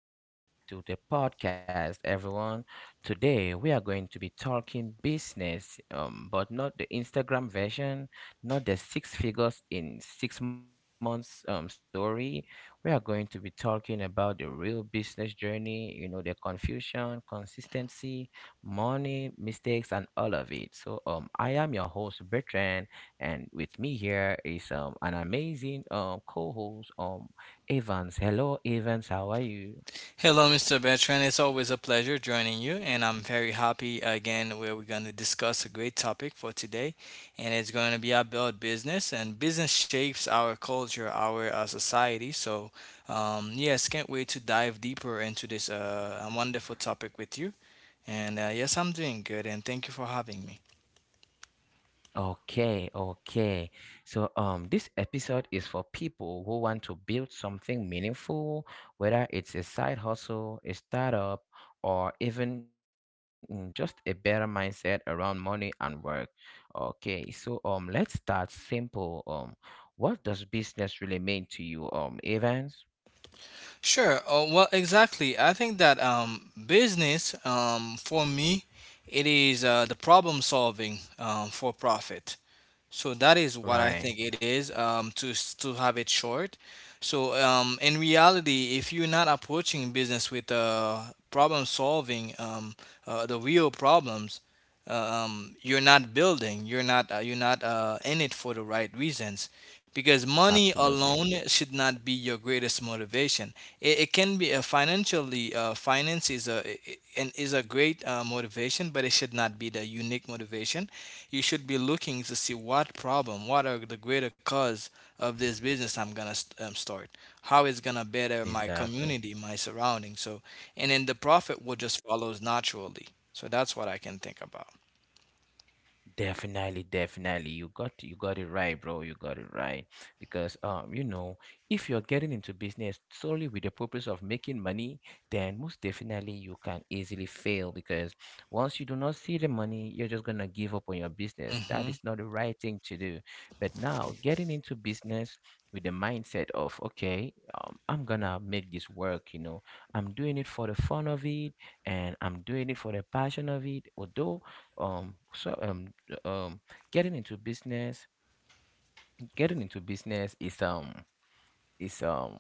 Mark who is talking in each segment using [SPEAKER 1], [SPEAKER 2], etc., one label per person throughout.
[SPEAKER 1] Welcome back to the podcast, everyone. Today, we are going to be talking business, but not the Instagram version, not the six figures in 6 months story. We are going to be talking about the real business journey, you know, the confusion, consistency, money, mistakes, and all of it. So, I am your host, Bertrand, and with me here is an amazing co-host, Evans. Hello, Evans, how are you?
[SPEAKER 2] Hello, Mr. Bertrand. It's always a pleasure joining you, and I'm very happy again where we're going to discuss a great topic for today, and it's going to be about business and business shapes our culture, our society. So, yes, can't wait to dive deeper into this wonderful topic with you. And yes, I'm doing good, and thank you for having me.
[SPEAKER 1] Okay, okay. So this episode is for people who want to build something meaningful, whether it's a side hustle, a startup, or even just a better mindset around money and work. Okay, so let's start simple. What does business really mean to you, Evans?
[SPEAKER 2] Sure. Well, exactly. I think that, business, for me, it is the problem solving, for profit. So that is what I think
[SPEAKER 1] Right,
[SPEAKER 2] it is, to have it short. So, in reality, if you're not approaching business with, problem solving, the real problems. You're not building you're not in it for the right reasons because money
[SPEAKER 1] absolutely.
[SPEAKER 2] alone should not be your greatest motivation. It can be a financially finance is a I- and is a great motivation, but it should not be the unique motivation. You should be looking to see what problem, what are the greater cause of this business I'm gonna start, how it's gonna better my
[SPEAKER 1] Exactly.
[SPEAKER 2] community, my surroundings. So and then the profit will just follows naturally. So that's what I can think about.
[SPEAKER 1] Definitely, definitely. You got it right, bro. You got it right. Because you know, if you're getting into business solely with the purpose of making money, then most definitely you can easily fail because once you do not see the money, you're just gonna give up on your business. That
[SPEAKER 2] Mm-hmm.
[SPEAKER 1] is not the right thing to do. But now, getting into business with the mindset of, okay, I'm gonna make this work, you know, I'm doing it for the fun of it, and I'm doing it for the passion of it, although um so um um getting into business getting into business is it's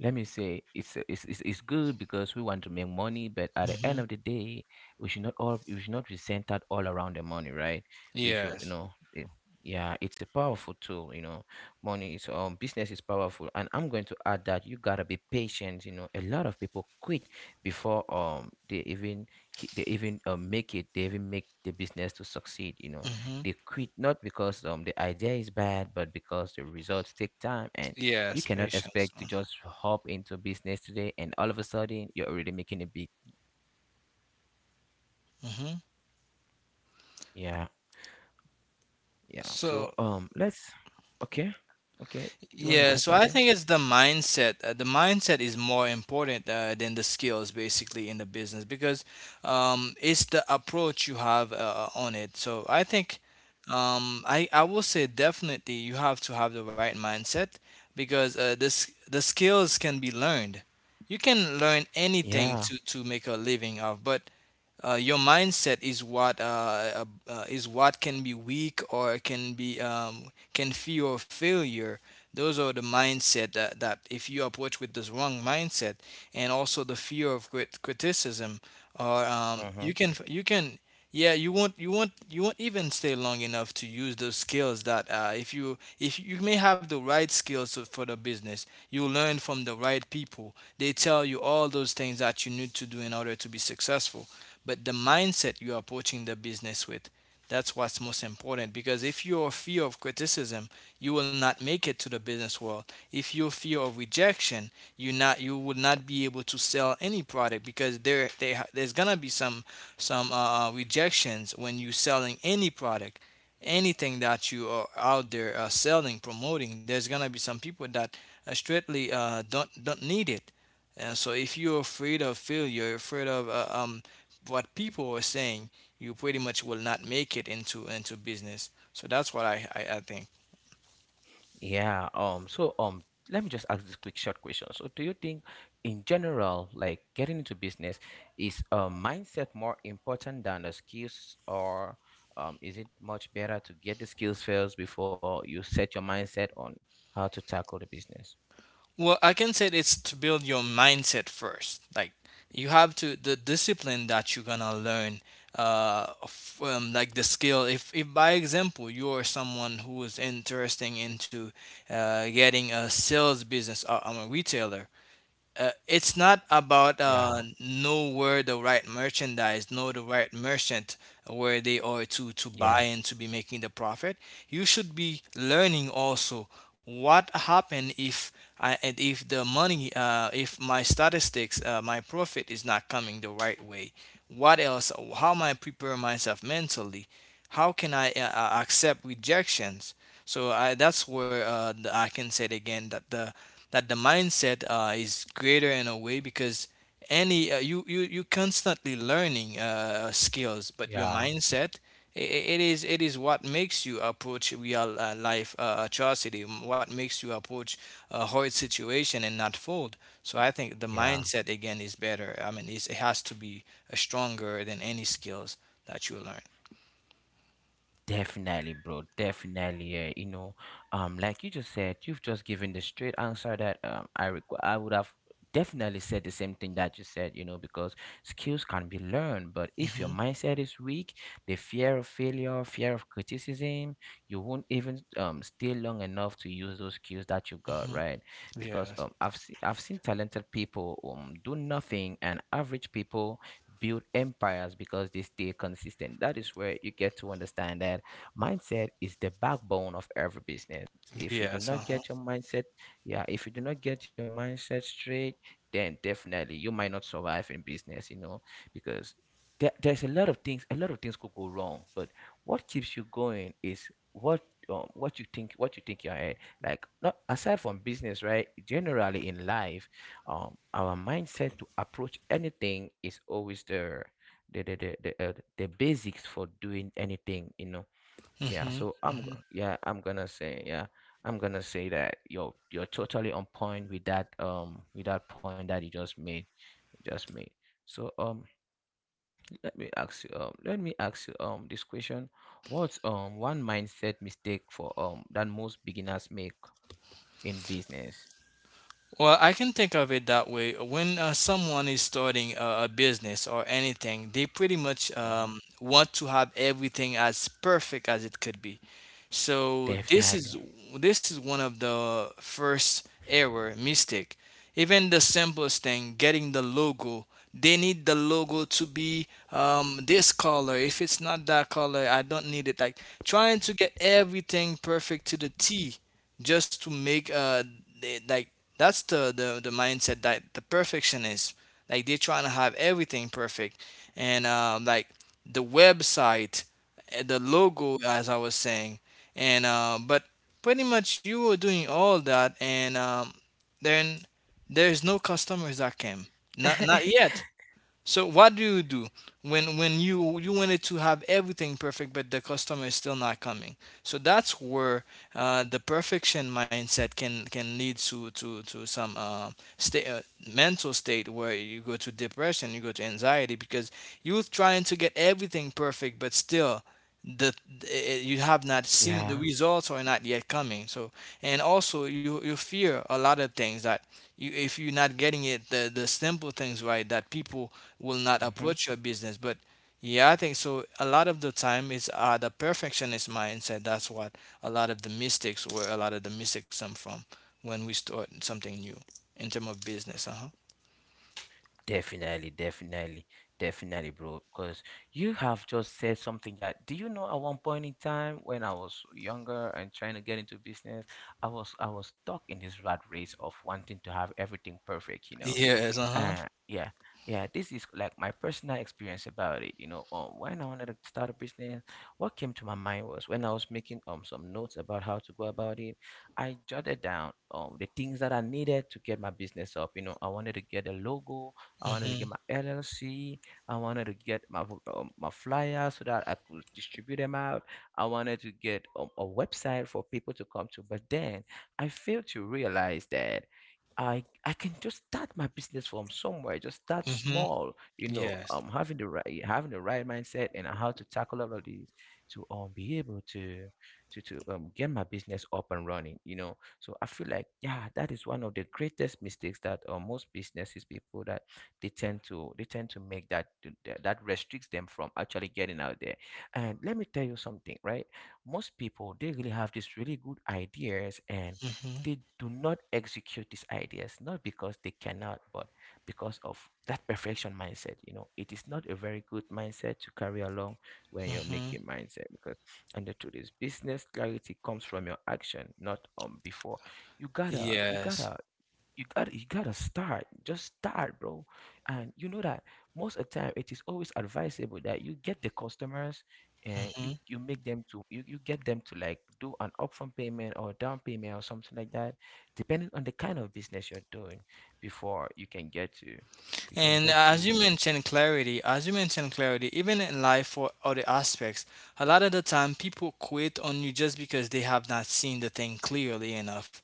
[SPEAKER 1] let me say it's good because we want to make money, but at the end
[SPEAKER 2] Mm-hmm.
[SPEAKER 1] of the day, we should not be centered all around the money, right? We should, you
[SPEAKER 2] Yes.
[SPEAKER 1] know, yeah, it's a powerful tool, you know. Money is um business is powerful, and I'm going to add that you gotta be patient. You know, a lot of people quit before they even they even make it, they even make the business to succeed, you know.
[SPEAKER 2] Mm-hmm.
[SPEAKER 1] They quit not because the idea is bad, but because the results take time. And you
[SPEAKER 2] Yes,
[SPEAKER 1] cannot
[SPEAKER 2] patience.
[SPEAKER 1] expect to just hop into business today and all of a sudden you're already making a big.
[SPEAKER 2] Mm-hmm.
[SPEAKER 1] Yeah. Yeah. So
[SPEAKER 2] So
[SPEAKER 1] let's, okay, okay, you wanna
[SPEAKER 2] yeah,
[SPEAKER 1] add
[SPEAKER 2] so I
[SPEAKER 1] something?
[SPEAKER 2] think it's the mindset. The mindset is more important than the skills, basically, in the business because, it's the approach you have, on it. So I think, I will say, definitely you have to have the right mindset because, this the skills can be learned. You can learn anything
[SPEAKER 1] Yeah.
[SPEAKER 2] to make a living of, but your mindset is what, is what can be weak or can be can fear failure. Those are the mindset that if you approach with this wrong mindset, and also the fear of criticism, or
[SPEAKER 1] Mm-hmm.
[SPEAKER 2] you can yeah, you won't even stay long enough to use those skills that, if you may have the right skills for the business. You will learn from the right people. They tell you all those things that you need to do in order to be successful, but the mindset you're approaching the business with. That's what's most important because if your fear of criticism, you will not make it to the business world. If your fear of rejection, you would not be able to sell any product because there's gonna be some rejections when you're selling any product, anything that you are out there, selling, promoting. There's gonna be some people that, straightly, don't need it. And so if you're afraid of failure, afraid of, what people were saying, you pretty much will not make it into business. So that's what I think.
[SPEAKER 1] Yeah. Let me just ask this quick short question. So, do you think, in general, like, getting into business, is a mindset more important than the skills, or is it much better to get the skills first before you set your mindset on how to tackle the business?
[SPEAKER 2] Well, I can say it's to build your mindset first. Like, you have to the discipline that you're gonna learn from, like, the skill. If by example you are someone who is interesting into getting a sales business, or I'm a retailer, it's not about
[SPEAKER 1] Yeah.
[SPEAKER 2] know where the right merchandise, know the right merchant where they are to buy
[SPEAKER 1] Yeah.
[SPEAKER 2] and to be making the profit. You should be learning also what happen if, I and if the money, if my statistics, my profit is not coming the right way. What else? How am I prepare myself mentally? How can I, accept rejections? So that's where, I can say it again, that the mindset is greater in a way because any, you constantly learning skills, but your
[SPEAKER 1] Yeah.
[SPEAKER 2] mindset, it is what makes you approach real life atrocity, what makes you approach a hard situation and not fold. So I think the
[SPEAKER 1] Yeah.
[SPEAKER 2] mindset again is better. I mean, it has to be stronger than any skills that you learn.
[SPEAKER 1] Definitely, bro. Definitely, yeah. You know, like you just said, you've just given the straight answer that I would have definitely said the same thing that you said, you know, because skills can be learned, but if your
[SPEAKER 2] Hmm.
[SPEAKER 1] mindset is weak, the fear of failure, fear of criticism, you won't even stay long enough to use those skills that you got, right? Because
[SPEAKER 2] Yes.
[SPEAKER 1] I've seen talented people do nothing and average people build empires because they stay consistent. That is where you get to understand that mindset is the backbone of every business. If you do
[SPEAKER 2] Yes.
[SPEAKER 1] not
[SPEAKER 2] Uh huh.
[SPEAKER 1] get your mindset, yeah, if you do not get your mindset straight, then definitely you might not survive in business, you know, because there's a lot of things, a lot of things could go wrong, but what keeps you going is what, what you think, what you think you're ahead, like, not aside from business, right? Generally in life, our mindset to approach anything is always the basics for doing anything, you know. Yeah,
[SPEAKER 2] Hmm.
[SPEAKER 1] so yeah, I'm gonna say, yeah, I'm gonna say that you're totally on point with that, with that point that you just made, you just made so let me ask you, this question. What's one mindset mistake for that most beginners make in business?
[SPEAKER 2] Well, I can think of it that way. When, someone is starting a business or anything, they pretty much,
[SPEAKER 1] Mhm.
[SPEAKER 2] want to have everything as perfect as it could be. So this is
[SPEAKER 1] Definitely.
[SPEAKER 2] this is one of the first error mistake. Even the simplest thing, getting the logo, they need the logo to be, this color. If it's not that color, I don't need it. Like, trying to get everything perfect to the T, just to make th- like that's the mindset, that the perfectionist, like they're trying to have everything perfect. And like the website, the logo, as I was saying. And but pretty much you were doing all that, and, then there's no customers that came. Not, not yet. So what do you do when you wanted to have everything perfect, but the customer is still not coming? So that's where, the perfection mindset can lead to some, state mental state, where you go to depression, you go to anxiety because you're trying to get everything perfect, but still, the you have not seen, the
[SPEAKER 1] Yeah.
[SPEAKER 2] results are not yet coming. So and also you fear a lot of things that, you if you're not getting it, the simple things right, that people will not
[SPEAKER 1] Mhm.
[SPEAKER 2] approach your business. But yeah, I think so, a lot of the time it's, the perfectionist mindset. That's what a lot of the mistakes where a lot of the mistakes come from when we start something new in terms of business. Uh-huh.
[SPEAKER 1] Definitely, definitely, definitely, bro. Because you have just said something that, do you know, at one point in time when I was younger and trying to get into business, I was stuck in this rat race of wanting to have everything perfect, you know.
[SPEAKER 2] Yes. Uh-huh.
[SPEAKER 1] Yeah, yeah. This is like my personal experience about it. You know, when I wanted to start a business, what came to my mind was when I was making some notes about how to go about it. I jotted down the things that I needed to get my business up. You know, I wanted to get a logo. I wanted to
[SPEAKER 2] Mm-hmm.
[SPEAKER 1] get my LLC. I wanted to get my my flyer so that I could distribute them out. I wanted to get a website for people to come to. But then I failed to realize that I can just start my business from somewhere, just start
[SPEAKER 2] Mm-hmm.
[SPEAKER 1] small, you know,
[SPEAKER 2] Yes.
[SPEAKER 1] having the right mindset and how to tackle all of these to be able to get my business up and running, you know. So I feel like, yeah, that is one of the greatest mistakes that most businesses people that they tend to make, that that restricts them from actually getting out there. And let me tell you something, right? Most people, they really have these really good ideas, and
[SPEAKER 2] Mm-hmm.
[SPEAKER 1] they do not execute these ideas not because they cannot, but because of that perfection mindset. You know, it is not a very good mindset to carry along when you're
[SPEAKER 2] Mm-hmm.
[SPEAKER 1] making mindset, because, and the truth is, business clarity comes from your action, not before. you gotta you
[SPEAKER 2] Yes.
[SPEAKER 1] gotta you got you gotta start, just start, bro. And you know that most of the time it is always advisable that you get the customers, and you make them to you, you get them to, like, do an upfront payment or down payment or something like that, depending on the kind of business you're doing, before you can
[SPEAKER 2] And
[SPEAKER 1] get
[SPEAKER 2] as
[SPEAKER 1] to.
[SPEAKER 2] you mentioned clarity, even in life for other aspects, a lot of the time people quit on you just because they have not seen the thing clearly enough.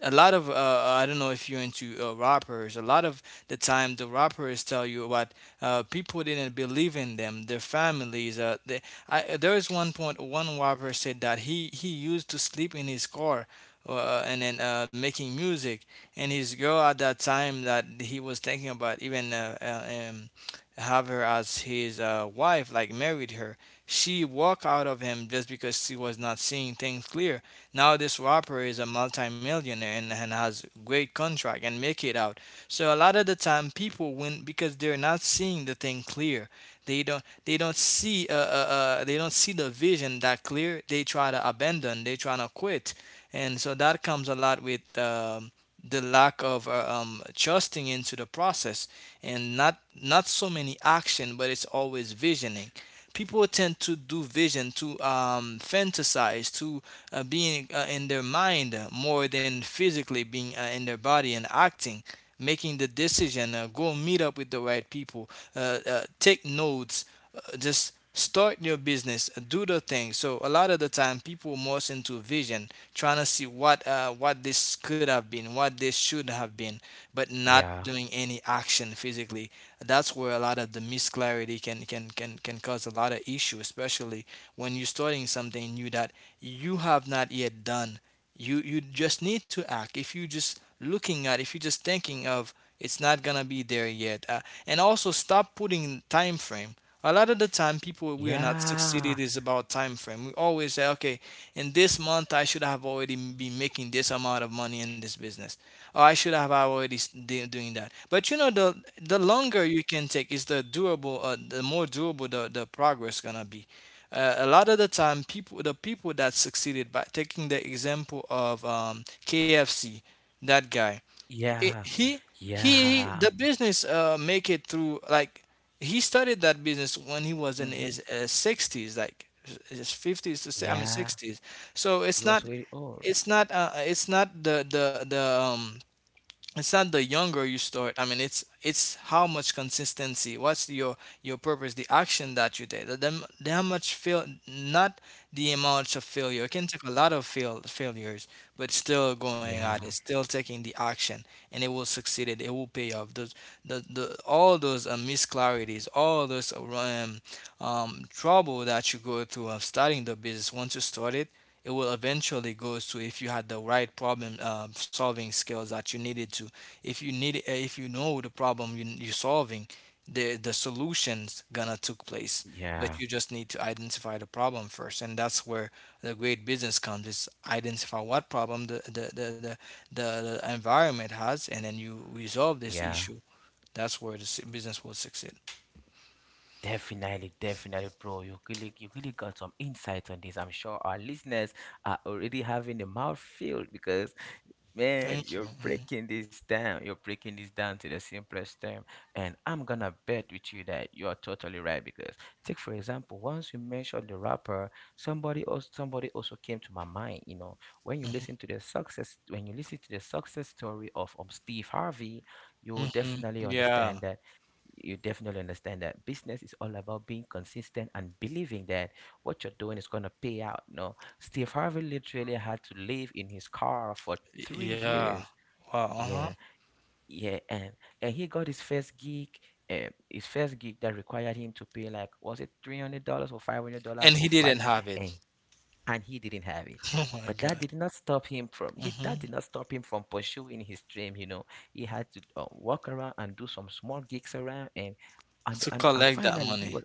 [SPEAKER 2] A lot of I don't know if you're into, rappers. A lot of the time, the rappers tell you what, people didn't believe in them. Their families. There is one point. One rapper said that he used to sleep in his car, and then making music, and his girl at that time that he was thinking about even, have her as his, wife, like married her. She walked out of him just because she was not seeing things clear. Now this rapper is a multimillionaire, and has great contract and make it out. So a lot of the time people win because they're not seeing the thing clear. They don't see, they don't see the vision that clear. They try to abandon. They try to quit. And so that comes a lot with, the lack of, adjusting into the process, and not so many action, but it's always visioning. People tend to do vision to, fantasize to, being, in their mind, more than physically being, in their body and acting, making the decision, go meet up with the right people, take notes, just start your business, do the thing. So a lot of the time people more into vision, trying to see what, what this could have been, what this should have been, but not
[SPEAKER 1] Yeah.
[SPEAKER 2] doing any action physically. That's where a lot of the misclarity can cause a lot of issue, especially when you're starting something new that you have not yet done. You just need to act. If you just looking at, if you're just thinking of, it's not gonna be there yet. And also stop putting time frame. A lot of the time people, we are not
[SPEAKER 1] Yeah.
[SPEAKER 2] succeeded, is about time frame. We always say, okay, in this month I should have already been making this amount of money in this business, or I should have already doing that. But the longer you can take is the durable, the more durable the progress gonna be. A lot of the time, people the people that succeeded by taking the example of KFC, that guy, he
[SPEAKER 1] Yeah.
[SPEAKER 2] he
[SPEAKER 1] Yeah.
[SPEAKER 2] the business make it through, like he started that business when he was in
[SPEAKER 1] Hmm.
[SPEAKER 2] his 60s, like his 50s to say, I mean
[SPEAKER 1] Yeah,
[SPEAKER 2] 60s. So it's
[SPEAKER 1] you was
[SPEAKER 2] not,
[SPEAKER 1] very old.
[SPEAKER 2] it's not the it's not the younger you start, I mean it's how much consistency, what's your purpose, the action that you take, the how much fail, not the amount of failure it can take. A lot of failures, but still going
[SPEAKER 1] Yeah.
[SPEAKER 2] at it, still taking the action, and it will succeed. It will pay off those, the all those misclarities, all those trouble that you go through of starting the business. Once you start it, it will eventually goes to, if you had the right problem solving skills that you needed to, if you need if you know the problem you're solving, the solution's gonna took place.
[SPEAKER 1] Yeah.
[SPEAKER 2] But you just need to identify the problem first, and that's where the great business comes, is identify what problem the environment has, and then you resolve this
[SPEAKER 1] Yeah.
[SPEAKER 2] issue. That's where the business will succeed.
[SPEAKER 1] Definitely, definitely, bro. You really got some insights on this. I'm sure our listeners are already having a mouth filled because, man,
[SPEAKER 2] Thank you.
[SPEAKER 1] you're breaking this down. You're breaking this down to the simplest term. And I'm gonna bet with you that you're totally right because, take for example, once you mentioned the rapper, somebody also came to my mind. You know, when you listen to the success, when you listen to the success story of, Steve Harvey, you
[SPEAKER 2] Hmm.
[SPEAKER 1] definitely
[SPEAKER 2] Yeah.
[SPEAKER 1] understand that business is all about being consistent and believing that what you're doing is going to pay out. No, Steve Harvey literally had to live in his car for three
[SPEAKER 2] Yeah.
[SPEAKER 1] years.
[SPEAKER 2] Wow. Uh-huh.
[SPEAKER 1] Yeah, yeah, and he got his first gig, and his first gig that required him to pay, like, was it $300 or $500
[SPEAKER 2] And
[SPEAKER 1] for
[SPEAKER 2] he didn't
[SPEAKER 1] flight,
[SPEAKER 2] have it.
[SPEAKER 1] and and he didn't have it.
[SPEAKER 2] Oh my
[SPEAKER 1] But that
[SPEAKER 2] god.
[SPEAKER 1] did not stop him from, he that
[SPEAKER 2] Hmm.
[SPEAKER 1] did not stop him from pursuing his dream. You know, he had to walk around and do some small gigs around, and
[SPEAKER 2] To
[SPEAKER 1] and
[SPEAKER 2] collect that
[SPEAKER 1] finally he
[SPEAKER 2] money.
[SPEAKER 1] was,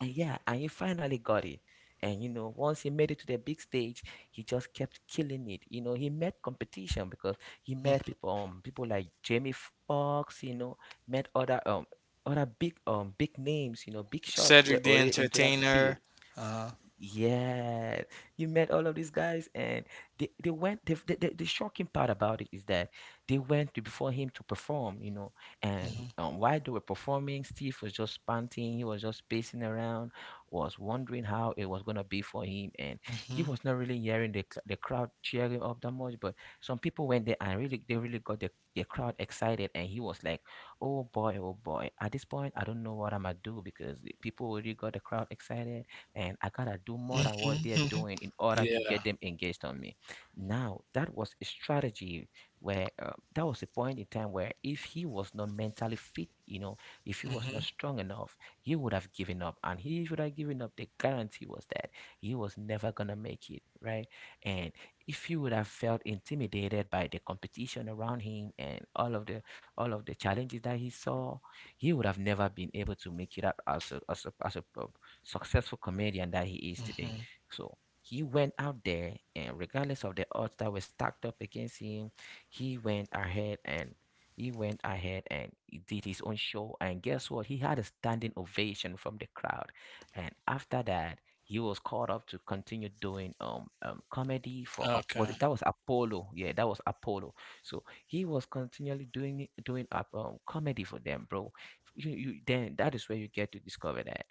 [SPEAKER 1] and yeah, and he finally got it. And you know, once he made it to the big stage, he just kept killing it. You know, he met competition because he met people, people like Jamie Foxx. You know, met other other big, big names. You know, big shots were
[SPEAKER 2] Cedric the
[SPEAKER 1] already into that
[SPEAKER 2] Entertainer.
[SPEAKER 1] field.
[SPEAKER 2] Uh
[SPEAKER 1] Yeah, you met all of these guys, and they went. The shocking part about it is that they went to before him to perform, you know. And
[SPEAKER 2] Mhm,
[SPEAKER 1] while they were performing, Steve was just panting. He was just pacing around, was wondering how it was gonna be for him, and he
[SPEAKER 2] mhm,
[SPEAKER 1] was not really hearing the crowd cheering up that much. But some people went there and really, they really got the crowd excited, and he was like, "Oh boy, oh boy! At this point, I don't know what I'm gonna do because the people already got the crowd excited, and I gotta do more than what they're
[SPEAKER 2] mhm.
[SPEAKER 1] doing in order to
[SPEAKER 2] Yeah.
[SPEAKER 1] get them engaged on me." Now, that was a strategy where, that was a point in time where if he was not mentally fit, you know, if he was not
[SPEAKER 2] Mhm,
[SPEAKER 1] strong enough, he would have given up. And he should have given up. The guarantee was that he was never gonna make it, right? And if he would have felt intimidated by the competition around him and all of the challenges that he saw, he would have never been able to make it out as a successful comedian that he is today.
[SPEAKER 2] mhm.
[SPEAKER 1] So he went out there, and regardless of the odds that were stacked up against him, he went ahead and he went ahead and he did his own show. And guess what? He had a standing ovation from the crowd. And after that, he was called up to continue doing comedy for was
[SPEAKER 2] Okay.
[SPEAKER 1] it, that was Apollo? Yeah, that was Apollo. So he was continually doing up comedy for them, bro. You then that is where you get to discover that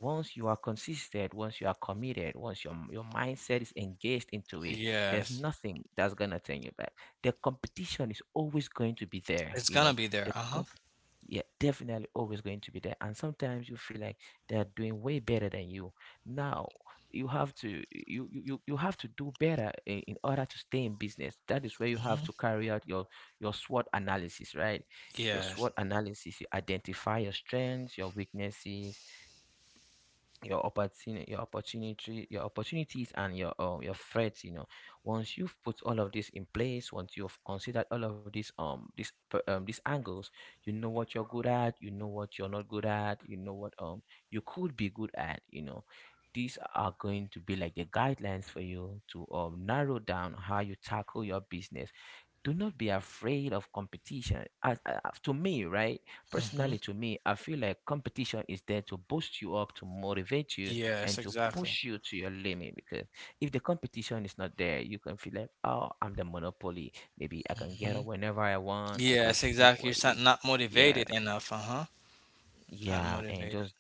[SPEAKER 1] once you are consistent, once you are committed, once your mindset is engaged into it, there's
[SPEAKER 2] Yes.
[SPEAKER 1] nothing that's gonna turn you back. The competition is always going to be there,
[SPEAKER 2] It's
[SPEAKER 1] you
[SPEAKER 2] gonna
[SPEAKER 1] know.
[SPEAKER 2] be
[SPEAKER 1] The
[SPEAKER 2] there. Uh-huh.
[SPEAKER 1] comp- yeah, definitely always going to be there. And sometimes you feel like they're doing way better than you. Now you have to you you, you you have to do better in order to stay in business. That is where you
[SPEAKER 2] Mhm.
[SPEAKER 1] have to carry out your SWOT analysis, right? Your
[SPEAKER 2] Yes.
[SPEAKER 1] SWOT analysis, you identify your strengths, your weaknesses, your opportunities and your threats. Once you've put all of this in place, once you've considered all of these angles, you know what you're good at, you know what you're not good at, you know what you could be good at. These are going to be like the guidelines for you to narrow down how you tackle your business. Do not be afraid of competition. As to me, right? Personally,
[SPEAKER 2] Mhm.
[SPEAKER 1] to me, I feel like competition is there to boost you up, to motivate you, and
[SPEAKER 2] Yes,
[SPEAKER 1] to push
[SPEAKER 2] exactly.
[SPEAKER 1] you to your limit. Because if the competition is not there, you can feel like, oh, I'm the monopoly. Maybe I can get up
[SPEAKER 2] Mhm.
[SPEAKER 1] whenever I want. I can
[SPEAKER 2] Yes,
[SPEAKER 1] sleep.
[SPEAKER 2] exactly.
[SPEAKER 1] wh-
[SPEAKER 2] You're not
[SPEAKER 1] Yeah,
[SPEAKER 2] motivated enough. Uh-huh. Not
[SPEAKER 1] yeah, and
[SPEAKER 2] motivated.
[SPEAKER 1] just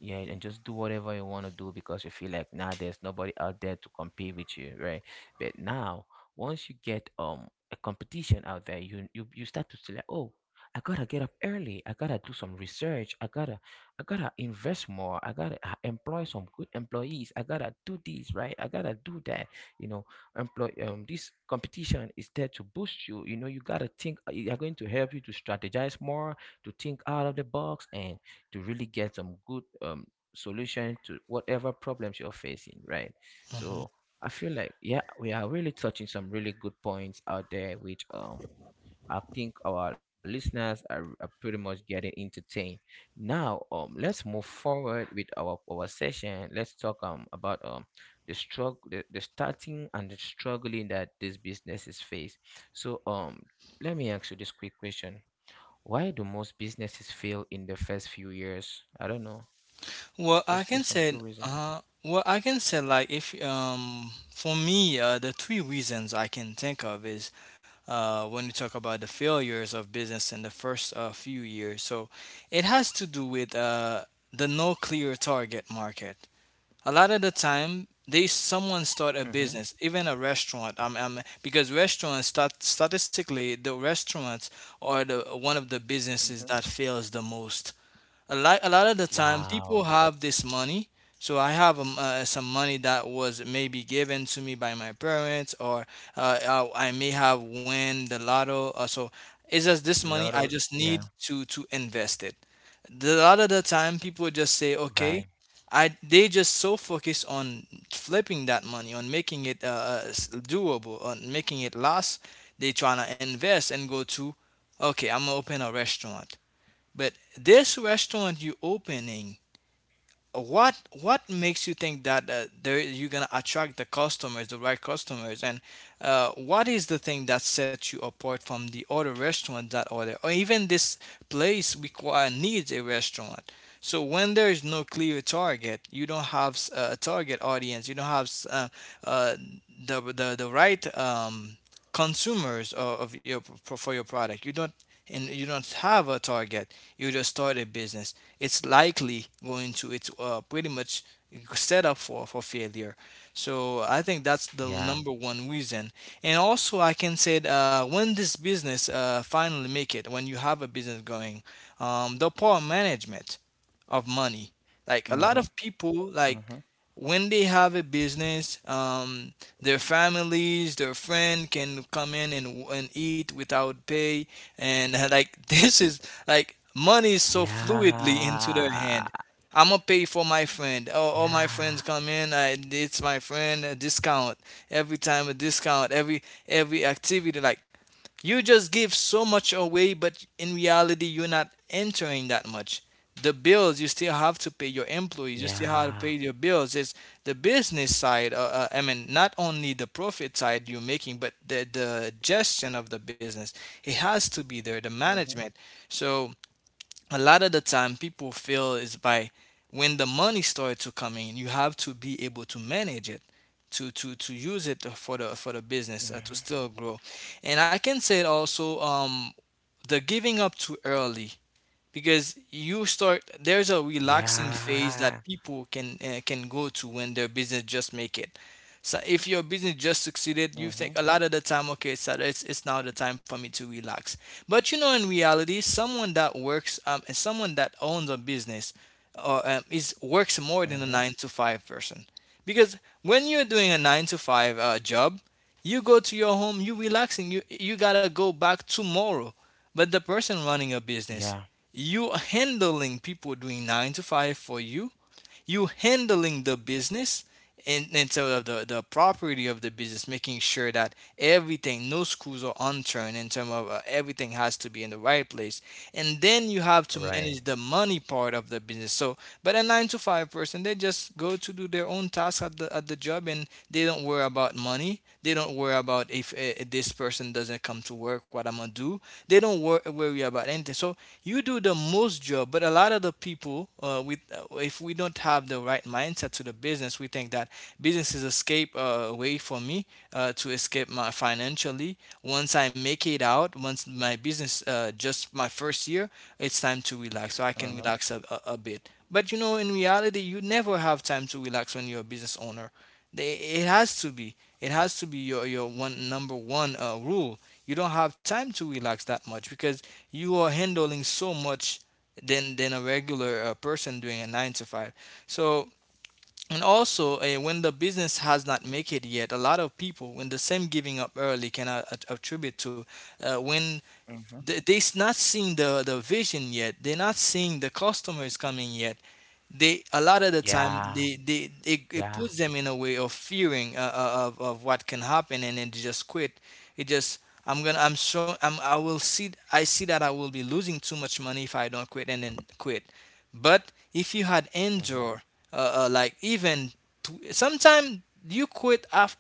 [SPEAKER 1] yeah and just do whatever you want to do because you feel like nah, there's nobody out there to compete with you, right? But now, once you get a competition out there, you start to feel like, oh, I gotta get up early. I gotta do some research. I gotta invest more. I gotta employ some good employees. I gotta do this right. I gotta do that you know employ This competition is there to boost you you know You gotta think, they are going to help you to strategize more, to think out of the box, and to really get some good solution to whatever problems you're facing, right?
[SPEAKER 2] Mhm.
[SPEAKER 1] So I feel like, yeah, we are really touching some really good points out there, which I think our listeners are pretty much getting entertained. Now, let's move forward with our session. Let's talk about the struggle, the starting and the struggling that these businesses face. So, let me ask you this quick question: why do most businesses fail in the first few years? I don't know.
[SPEAKER 2] Well, I
[SPEAKER 1] Just
[SPEAKER 2] can
[SPEAKER 1] give some
[SPEAKER 2] say,
[SPEAKER 1] few reasons.
[SPEAKER 2] like, if, for me, the three reasons I can think of is, when you talk about the failures of business in the first few years. So it has to do with, the no clear target market. A lot of the time, they someone start a
[SPEAKER 1] Mm-hmm.
[SPEAKER 2] business, even a restaurant. Because restaurants statistically, the restaurants are the one of the businesses
[SPEAKER 1] Mm-hmm.
[SPEAKER 2] that fails the most. A a lot of the time, people
[SPEAKER 1] Wow.
[SPEAKER 2] have this money. So I have some money that was maybe given to me by my parents, or I may have win the lotto. So it's just this money, I
[SPEAKER 1] Lot of,
[SPEAKER 2] just need
[SPEAKER 1] yeah.
[SPEAKER 2] to invest it. A lot of the time, people just say, okay,
[SPEAKER 1] Right.
[SPEAKER 2] I, they just so focused on flipping that money, on making it doable, on making it last. They tryna invest and go to, okay, I'm gonna open a restaurant. But this restaurant you're opening, what what makes you think that there you're gonna attract the customers, the right customers, and what is the thing that sets you apart from the other restaurants that are there, or even this place require needs a restaurant? So when there is no clear target, you don't have a target audience, you don't have uh, the right consumers of your for your product. You don't and you don't have a target. You just start a business, it's likely going to it's pretty much set up for failure. So I think that's the number
[SPEAKER 1] Yeah.
[SPEAKER 2] one reason. And also I can say, when this business finally make it, when you have a business going, the poor management of money. Like a lot of
[SPEAKER 1] Mm-hmm.
[SPEAKER 2] people,
[SPEAKER 1] Mm-hmm.
[SPEAKER 2] like when they have a business, their families, their friend can come in and eat without pay, and like this is like money is so fluidly into their
[SPEAKER 1] Yeah.
[SPEAKER 2] hand. I'm gonna pay for my friend. Oh, all my
[SPEAKER 1] Yeah.
[SPEAKER 2] friends come in. It's my friend. A discount every time. A discount every activity. Like you just give so much away, but in reality, you're not entering that much. The bills, you still have to pay your employees, you still
[SPEAKER 1] Yeah.
[SPEAKER 2] have to pay your bills. It's the business side, I mean not only the profit side you're making, but the gestion of the business, it has to be there, the
[SPEAKER 1] Mm-hmm.
[SPEAKER 2] management. So a lot of the time, people feel is by, when the money starts to come in, you have to be able to manage it to use it for the
[SPEAKER 1] Mm-hmm.
[SPEAKER 2] business to still grow. And I can say it also, the giving up too early. Because you start, there's a relaxing
[SPEAKER 1] Yeah.
[SPEAKER 2] phase that people can go to when their business just make it. So if your business just
[SPEAKER 1] Mm-hmm.
[SPEAKER 2] succeeded, you think a lot of the time, okay, so it's now the time for me to relax. But you know, in reality, someone that works, and someone that owns a business, or is works
[SPEAKER 1] Mm-hmm.
[SPEAKER 2] more than a 9 to 5 person. Because when you're doing a 9 to 5 job, you go to your home, you relaxing, you got to go back tomorrow. But the person running a
[SPEAKER 1] Yeah.
[SPEAKER 2] business, you handling people doing nine to five for you, you handling the business, and so the property of the business, making sure that everything, no screws are unturned, in terms of everything has to be in the right place. And then you have to
[SPEAKER 1] Right.
[SPEAKER 2] manage the money part of the business. So but a nine to five person, they just go to do their own task at at the job, and they don't worry about money, they don't worry about if this person doesn't come to work, what I'm gonna do. They don't worry about anything. So you do the most job, but a lot of the people, with if we don't have the right mindset to the business, we think that business is escape way for me to escape my financially. Once I make it out, once my business just my first year, it's time to relax. So I can relax a bit. But you know, in reality, you never have time to relax when you're a business owner. It has to be. It has to be your one number one rule. You don't have time to relax that much, because you are handling so much than a regular person doing a 9 to 5. So and also, when the business has not make it yet, a lot of people, when the same giving up early can attribute to, when
[SPEAKER 1] Mm-hmm.
[SPEAKER 2] they're not seeing the vision yet, they're not seeing the customers coming yet. They, a lot of the time,
[SPEAKER 1] Yeah,
[SPEAKER 2] it
[SPEAKER 1] yeah.
[SPEAKER 2] puts them in a way of fearing, of what can happen, and then they just quit. It just, I'm gonna I'm so I'm, I will see I see that I will be losing too much money if I don't quit, and then quit. But if you had
[SPEAKER 1] Mm-hmm.
[SPEAKER 2] endure, like even sometimes, you quit after,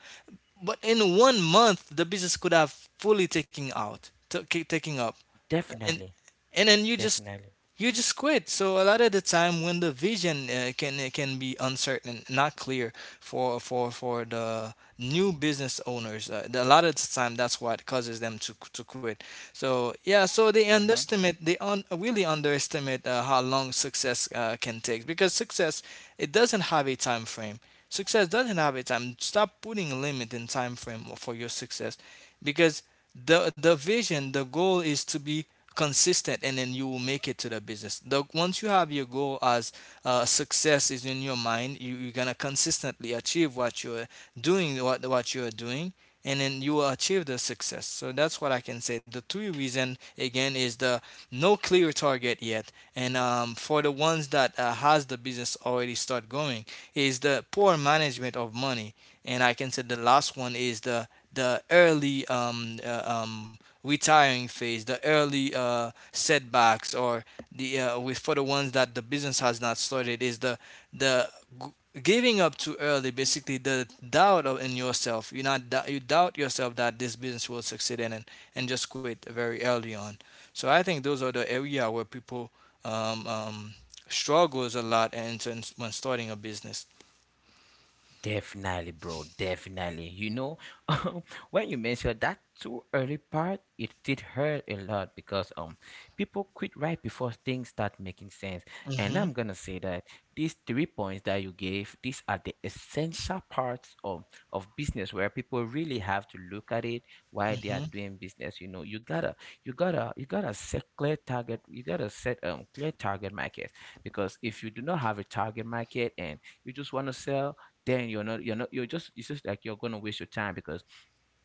[SPEAKER 2] but in one month the business could have fully taking up,
[SPEAKER 1] Definitely,
[SPEAKER 2] and then you just,
[SPEAKER 1] definitely.
[SPEAKER 2] you just quit. So a lot of the time, when the vision can it can be uncertain, not clear for the new business owners, a lot of the time that's what causes them to quit. So yeah, so they underestimate, really underestimate how long success can take, because success, it doesn't have a time frame. Success doesn't have a time. Stop putting a limit in time frame for your success, because the vision, the goal is to be consistent, and then you will make it to the business. The Once you have your goal as success is in your mind, you're gonna consistently achieve what you're doing, what you're doing, and then you will achieve the success. So that's what I can say, the three reason again, is the no clear target yet, and for the ones that has the business already start going, is the poor management of money. And I can say the last one is the early retiring phase, the early setbacks, or the with for the ones that the business has not started, is the the giving up too early. Basically, the doubt of, in yourself. You not you doubt yourself that this business will succeed in, and just quit very early on. So I think those are the area where people um, um, struggles a lot, and when starting a business.
[SPEAKER 1] Definitely, bro. Definitely. You know, um, when you mentioned that too early part, it did hurt a lot because people quit right before things start making sense. And
[SPEAKER 2] Mm-hmm.
[SPEAKER 1] I'm gonna say that these three points that you gave, these are the essential parts of business where people really have to look at it why they
[SPEAKER 2] Mm-hmm.
[SPEAKER 1] are doing business. You know, you gotta set clear target. You gotta set clear target market, because if you do not have a target market and you just want to sell, then you're not you're not you're just it's just like you're gonna waste your time. Because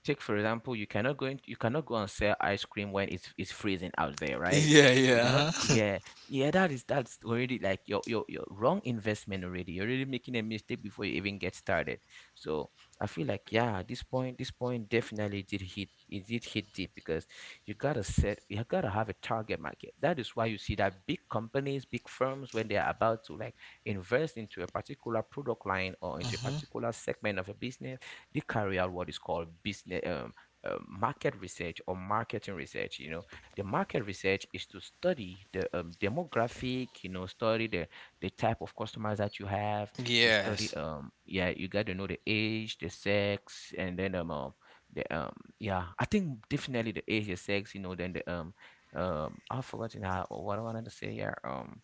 [SPEAKER 1] take, for example, you cannot go and sell ice cream when it's freezing out there, right?
[SPEAKER 2] Yeah.
[SPEAKER 1] you do not
[SPEAKER 2] Yeah.
[SPEAKER 1] Yeah, yeah, that's already like your wrong investment already. You're already making a mistake before you even get started. So I feel like, yeah, this point definitely did hit it did hit deep. Because you gotta set you gotta have a target market, that is why you see that big companies, big firms, when they are about to, like, invest into a particular product line or into a
[SPEAKER 2] Uh-huh.
[SPEAKER 1] particular segment of a business, they carry out what is called business market research or marketing research. You know, the market research is to study the demographic. You know, study the type of customers that you have. You study
[SPEAKER 2] Yes,
[SPEAKER 1] yeah, you got to know the age, the sex, and then the yeah, I think definitely the age, the sex, you know, then the I've forgotten how what I wanted to say. Yeah,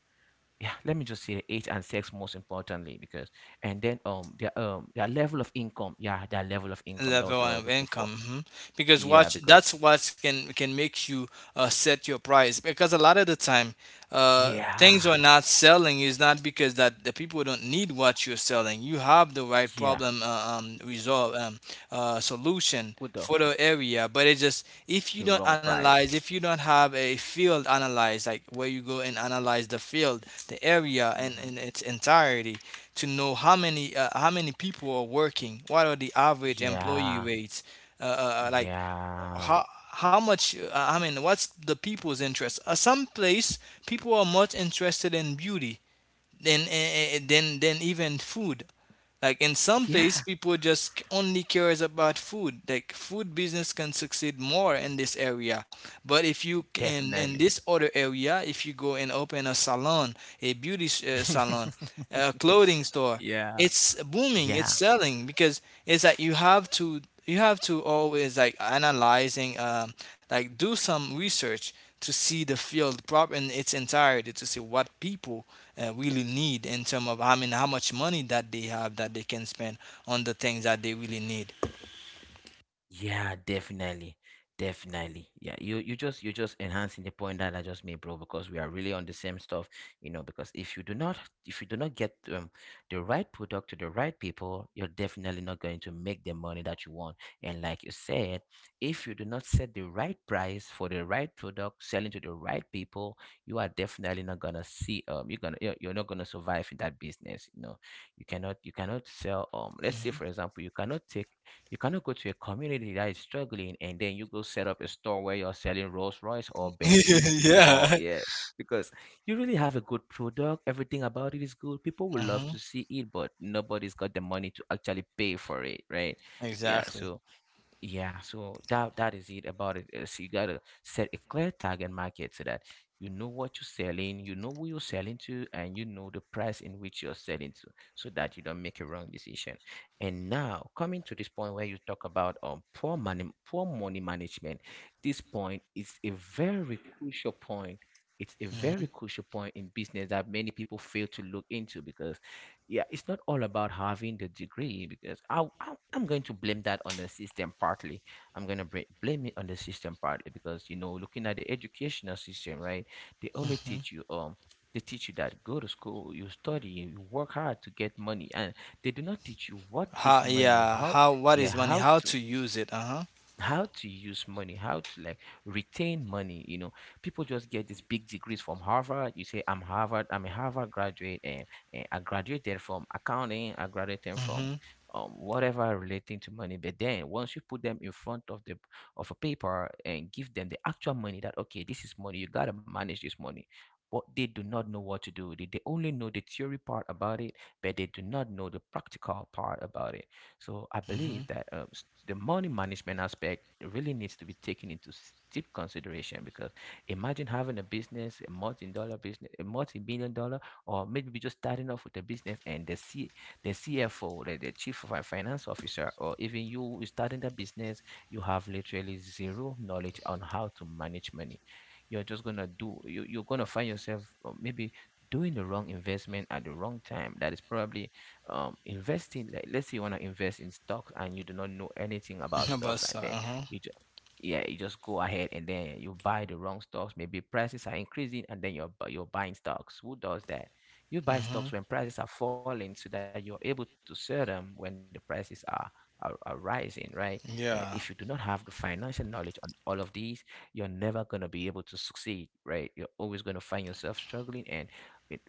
[SPEAKER 1] yeah, let me just say the age and sex. Most importantly, because and then their level of income, yeah, their level of income, that was
[SPEAKER 2] level
[SPEAKER 1] what I was
[SPEAKER 2] of
[SPEAKER 1] looking for.
[SPEAKER 2] income. Mhm. Because
[SPEAKER 1] Yeah,
[SPEAKER 2] what,
[SPEAKER 1] because
[SPEAKER 2] that's what can make you set your price. Because a lot of the time, things
[SPEAKER 1] yeah,
[SPEAKER 2] are not selling is not because that the people don't need what you're selling. You have the right
[SPEAKER 1] yeah,
[SPEAKER 2] problem, resolve solution
[SPEAKER 1] put the
[SPEAKER 2] for the area, but it just, if you
[SPEAKER 1] the
[SPEAKER 2] don't
[SPEAKER 1] wrong
[SPEAKER 2] analyze,
[SPEAKER 1] price.
[SPEAKER 2] if you don't have a field analyze, like where you go and analyze the field, the area, and
[SPEAKER 1] Hmm.
[SPEAKER 2] in its entirety, to know how many, how many people are working. What are the average employee
[SPEAKER 1] Yeah,
[SPEAKER 2] rates? Like
[SPEAKER 1] yeah,
[SPEAKER 2] how how much? I mean, what's the people's interest? Some place, people are much interested in beauty than, than even food. Like in some place,
[SPEAKER 1] yeah,
[SPEAKER 2] people just only cares about food. Like food business can succeed more in this area, but if you in
[SPEAKER 1] definitely.
[SPEAKER 2] this other area, if you go and open a salon a beauty salon, a clothing store.
[SPEAKER 1] Yeah,
[SPEAKER 2] It's booming.
[SPEAKER 1] yeah.
[SPEAKER 2] It's selling because it's like you have to always like analyzing, like do some research to see the field prop in its entirety to see what people really need in terms of I mean how much money that they have that they can spend on the things that they really need.
[SPEAKER 1] Yeah, definitely. Definitely. Yeah, you just enhancing the point that I just made, bro, because we are really on the same stuff. You know, because if you do not, get the right product to the right people, you're definitely not going to make the money that you want. And like you said, if you do not set the right price for the right product, selling to the right people, you are definitely not gonna see you're not gonna survive in that business. You know, you cannot sell, let's say
[SPEAKER 2] Mhm.
[SPEAKER 1] for example, you cannot go to a community that is struggling and then you go set up a store where you're selling Rolls Royce or Bentley, or,
[SPEAKER 2] Yeah.
[SPEAKER 1] yeah, because you really have a good product. Everything about it is good. People would love to
[SPEAKER 2] Hmm.
[SPEAKER 1] see it, but nobody's got the money to actually pay for it, right? Yeah,
[SPEAKER 2] Exactly.
[SPEAKER 1] so yeah, so that that is it about it. So you gotta set a clear tag and market so that you know what you're selling, you know who you're selling to, and you know the price in which you're selling to, so that you don't make a wrong decision. And now coming to this point where you talk about poor money management, this point is a very crucial point. It's a
[SPEAKER 2] Hmm.
[SPEAKER 1] very crucial point in business that many people fail to look into. Because yeah, it's not all about having the degree. Because I'm going to blame that on the system partly. I'm going to blame it on the system partly, because you know, looking at the educational system, right? They only
[SPEAKER 2] Hmm.
[SPEAKER 1] teach you they teach you that: go to school, you study, you work hard to get money, and they do not teach you what is
[SPEAKER 2] How?
[SPEAKER 1] money,
[SPEAKER 2] Yeah.
[SPEAKER 1] how.
[SPEAKER 2] How? What
[SPEAKER 1] Yeah,
[SPEAKER 2] is money?
[SPEAKER 1] how
[SPEAKER 2] How
[SPEAKER 1] to
[SPEAKER 2] to use it? Uh huh.
[SPEAKER 1] how to use money, how to, like, retain money. You know, people just get these big degrees from Harvard. You say, I'm a Harvard graduate, and I graduated from accounting, I graduated from
[SPEAKER 2] Hmm.
[SPEAKER 1] whatever relating to money. But then once you put them in front of the of a paper and give them the actual money, that, okay, this is money, you gotta manage this money. But they do not know what to do. They only know the theory part about it, but they do not know the practical part about it. So I
[SPEAKER 2] Mm-hmm.
[SPEAKER 1] believe that the money management aspect really needs to be taken into deep consideration. Because imagine having a business, a multi-dollar business, a multi-billion dollar, or maybe just starting off with a business, and the CFO, the chief of finance officer, or even you starting the business, you have literally zero knowledge on how to manage money. You're just gonna do. You're gonna find yourself maybe doing the wrong investment at the wrong time that is probably investing, like, let's say you want to invest in stocks and you do not know anything about
[SPEAKER 2] About
[SPEAKER 1] stocks, and
[SPEAKER 2] side.
[SPEAKER 1] then
[SPEAKER 2] Uh-huh.
[SPEAKER 1] you just yeah, you just go ahead and then you buy the wrong stocks. Maybe prices are increasing and then you're buying stocks. Who does that? You buy
[SPEAKER 2] Mm-hmm.
[SPEAKER 1] stocks when prices are falling so that you're able to sell them when the prices are are rising, right? And if you do not
[SPEAKER 2] Yeah.
[SPEAKER 1] have the financial knowledge on all of these, you're never going to be able to succeed, right? You're always going to find yourself struggling, and it,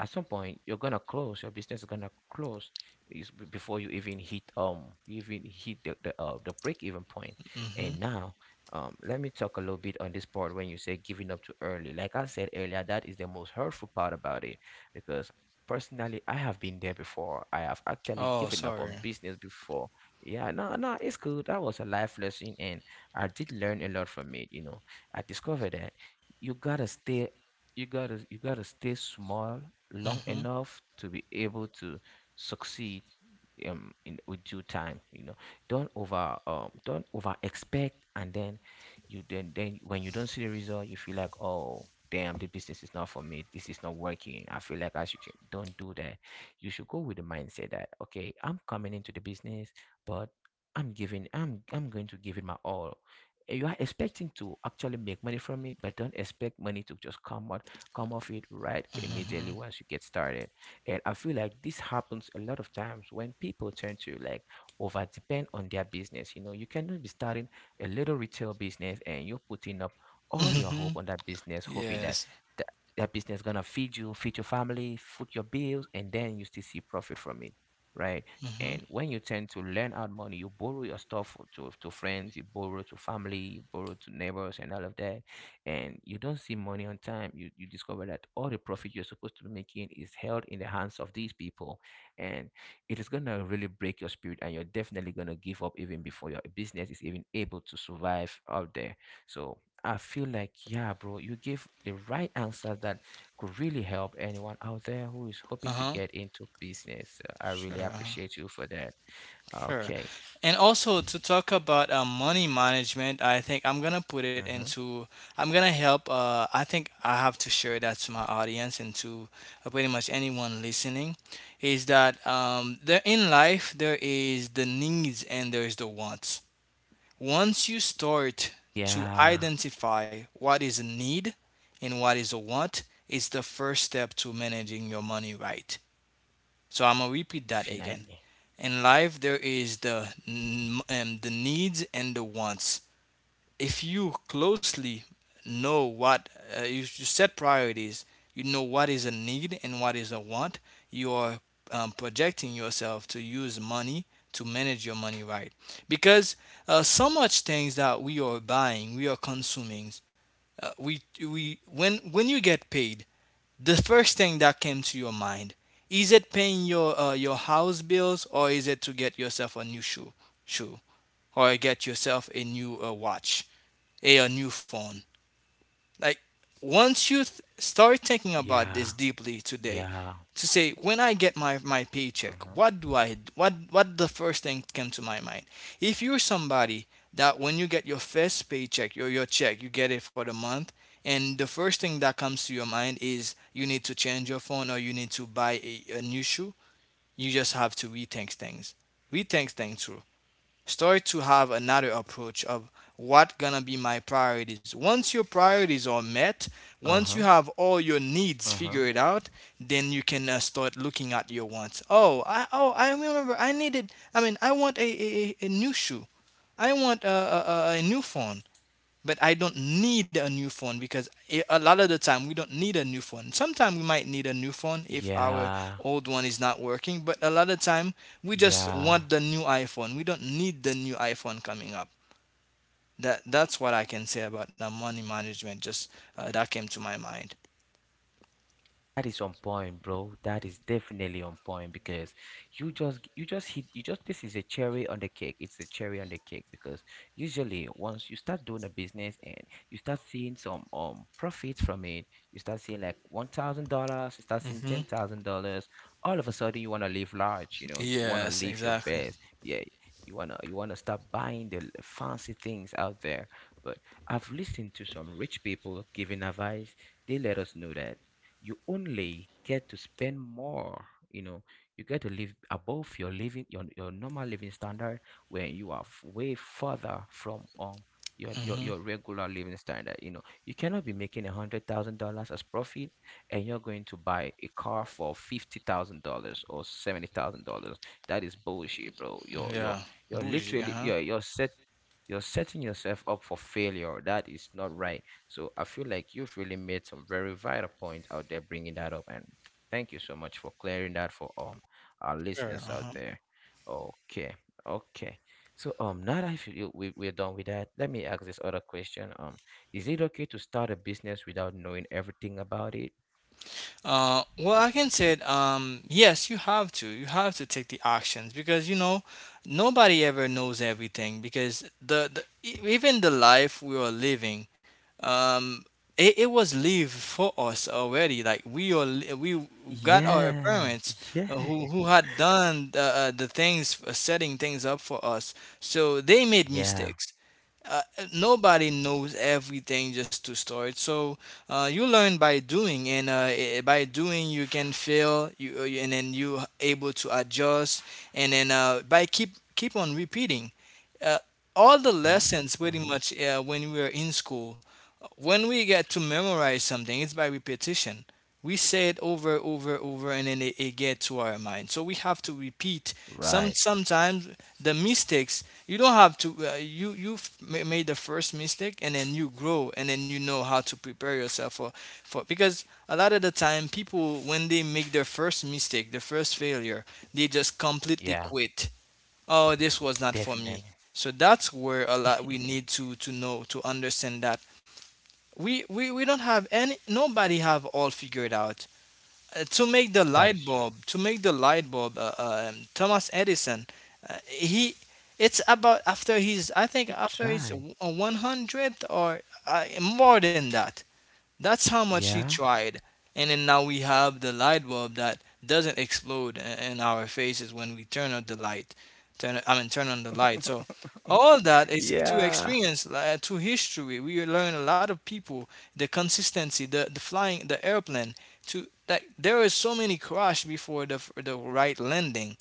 [SPEAKER 1] at some point you're gonna close. Your business is gonna close before you even hit the break even point.
[SPEAKER 2] Mm-hmm.
[SPEAKER 1] And now, let me talk a little bit on this part. When you say giving up too early, like I said earlier, that is the most hurtful part about it, because personally I have been there before. I have actually
[SPEAKER 2] Oh,
[SPEAKER 1] given up on
[SPEAKER 2] sorry.
[SPEAKER 1] business before. Yeah, no, no, it's good. That was a life lesson, and I did learn a lot from it, you know. I discovered that you gotta stay you gotta stay small long
[SPEAKER 2] Mm-hmm.
[SPEAKER 1] enough to be able to succeed in, with due time, you know. Don't over don't over expect, and then you then when you don't see the result you feel like, "Oh damn, the business is not for me, this is not working, I feel like I should change." Don't do that. You should go with the mindset that, okay, I'm coming into the business, but I'm going to give it my all. You are expecting to actually make money from it, but don't expect money to just come off it right immediately
[SPEAKER 2] Mm-hmm.
[SPEAKER 1] once you get started. And I feel like this happens a lot of times when people turn to, like, over depend on their business. You know, you cannot be starting a little retail business and you're putting up all your
[SPEAKER 2] Mm-hmm.
[SPEAKER 1] hope on that business, hoping that
[SPEAKER 2] Yes.
[SPEAKER 1] that, that business gonna feed you, feed your family, foot your bills, and then you still see profit from it, right?
[SPEAKER 2] Mm-hmm.
[SPEAKER 1] And when you tend to lend out money, you borrow your stuff to friends, you borrow to family, you borrow to neighbors, and all of that, and you don't see money on time. You discover that all the profit you're supposed to be making is held in the hands of these people, and it is gonna really break your spirit, and you're definitely gonna give up even before your business is even able to survive out there. So I feel like, yeah, bro, you gave the right answer that could really help anyone out there who is hoping to
[SPEAKER 2] Uh-huh.
[SPEAKER 1] get into business. I
[SPEAKER 2] Sure.
[SPEAKER 1] really
[SPEAKER 2] Uh-huh.
[SPEAKER 1] appreciate you for that.
[SPEAKER 2] Sure.
[SPEAKER 1] Okay.
[SPEAKER 2] And also to talk about money management, I think I'm gonna put it
[SPEAKER 1] Mm-hmm.
[SPEAKER 2] into. I'm gonna help. I think I have to share that to my audience and to pretty much anyone listening, is that there in life there is the needs and there is the wants. Once you start to
[SPEAKER 1] Yeah,
[SPEAKER 2] identify what is a need and what is a want, it's the first step to managing your money right. So I'm gonna repeat that again.
[SPEAKER 1] definitely.
[SPEAKER 2] In life, there is the needs and the wants. If you closely know what you, you set priorities. You know what is a need and what is a want. You are projecting yourself to use money to manage your money right, because so much things that we are buying we are consuming, we when you get paid the first thing that came to your mind is it paying your house bills, or is it to get yourself a new shoe shoe, or get yourself a new watch, a new phone. Like once you start
[SPEAKER 1] Yeah,
[SPEAKER 2] thinking about this deeply
[SPEAKER 1] yeah.
[SPEAKER 2] today, to say when I get my, my
[SPEAKER 1] Mm-hmm.
[SPEAKER 2] paycheck, what do I what the first thing came to my mind? If you're somebody that when you get your first paycheck, your check, you get it for the month, and the first thing that comes to your mind is you need to change your phone or you need to buy a new shoe, you just have to rethink things. Rethink things. Start to have another approach of what gonna be my priorities. Once your priorities are met,
[SPEAKER 1] Uh-huh.
[SPEAKER 2] once you have all your
[SPEAKER 1] Uh
[SPEAKER 2] needs
[SPEAKER 1] huh.
[SPEAKER 2] figured out, then you can start looking at your wants. Oh I oh I remember I needed I mean I want a new shoe. I want a new phone, but I don't need a new phone, because a lot of the time we don't need a new phone. Sometimes we might need a new phone if our
[SPEAKER 1] Yeah,
[SPEAKER 2] old one is not working, but a lot of time we just
[SPEAKER 1] yeah.
[SPEAKER 2] want the new iPhone. We don't need the new iPhone coming up. That that's what I can say about the money management. Just that came to my mind.
[SPEAKER 1] That is on point, bro. That is definitely on point, because you just hit you just this is a cherry on the cake. It's a cherry on the cake because usually once you start doing a business and you start seeing some profits from it, you start seeing like $1,000, you start seeing ten
[SPEAKER 2] Hmm.
[SPEAKER 1] thousand dollars. All of a sudden, you want to live large. You know, you want to
[SPEAKER 2] Yes,
[SPEAKER 1] live your
[SPEAKER 2] exactly.
[SPEAKER 1] best. Yeah, you wanna start buying the fancy things out there. But I've listened to some rich people giving advice. They let us know that you only get to spend more, you know, you get to live above your normal living standard when you are way further from
[SPEAKER 2] Hmm.
[SPEAKER 1] your regular living standard. You know, you cannot be making $100,000 as profit and you're going to buy a car for $50,000 or $70,000. That is bullshit, bro.
[SPEAKER 2] Yeah, bougie. Uh huh.
[SPEAKER 1] You're set you're setting yourself up for failure. That is not right. So I feel like you've really made some very vital point out there bringing that up. And thank you so much for clearing that for our
[SPEAKER 2] Sure.
[SPEAKER 1] listeners
[SPEAKER 2] Uh
[SPEAKER 1] out
[SPEAKER 2] huh.
[SPEAKER 1] there. Okay, okay. So now that we we're done with that, let me ask this other question. Is it okay to start a business without knowing everything about it?
[SPEAKER 2] Well, I can say it, yes, you have to. You have to take the actions, because you know nobody ever knows everything. Because the, even the life we are living, um, it, it was lived for us already. Like we are, we got our
[SPEAKER 1] Yeah,
[SPEAKER 2] parents
[SPEAKER 1] yeah.
[SPEAKER 2] who had done the things, setting things up for us. So they made
[SPEAKER 1] Yeah.
[SPEAKER 2] mistakes, uh, nobody knows everything just to start. So you learn by doing, and by doing you can fail, you and then you able to adjust, and then by keep keep on repeating. Uh, all the
[SPEAKER 1] Huh?
[SPEAKER 2] lessons pretty
[SPEAKER 1] Uh-huh.
[SPEAKER 2] much when we are in school, when we get to memorize something, it's by repetition. We say it over, over, over, and then it gets to our mind. So we have to repeat. Some
[SPEAKER 1] Right.
[SPEAKER 2] sometimes the mistakes you don't have to you you've made the first mistake and then you grow and then you know how to prepare yourself for, because a lot of the time people when they make their first mistake, the first failure, they just completely
[SPEAKER 1] Yeah,
[SPEAKER 2] quit. Oh, this was not for me.
[SPEAKER 1] definitely.
[SPEAKER 2] So that's where a lot we need to know to understand that we don't have any nobody have all figured out. To make the
[SPEAKER 1] That is
[SPEAKER 2] light
[SPEAKER 1] true.
[SPEAKER 2] bulb, to make the light bulb Thomas Edison, he it's about after he's I think
[SPEAKER 1] It
[SPEAKER 2] after he's
[SPEAKER 1] tried.
[SPEAKER 2] one 100th or more than that, that's how much he
[SPEAKER 1] Yeah.
[SPEAKER 2] tried. And then now we have the light bulb that doesn't explode in our faces when we turn on the light. Turn I mean turn on the light. So all that is to
[SPEAKER 1] Yeah.
[SPEAKER 2] experience, to history. We learn a lot of people, the consistency, the flying, the airplane. To that there is so many crash before the the right landing,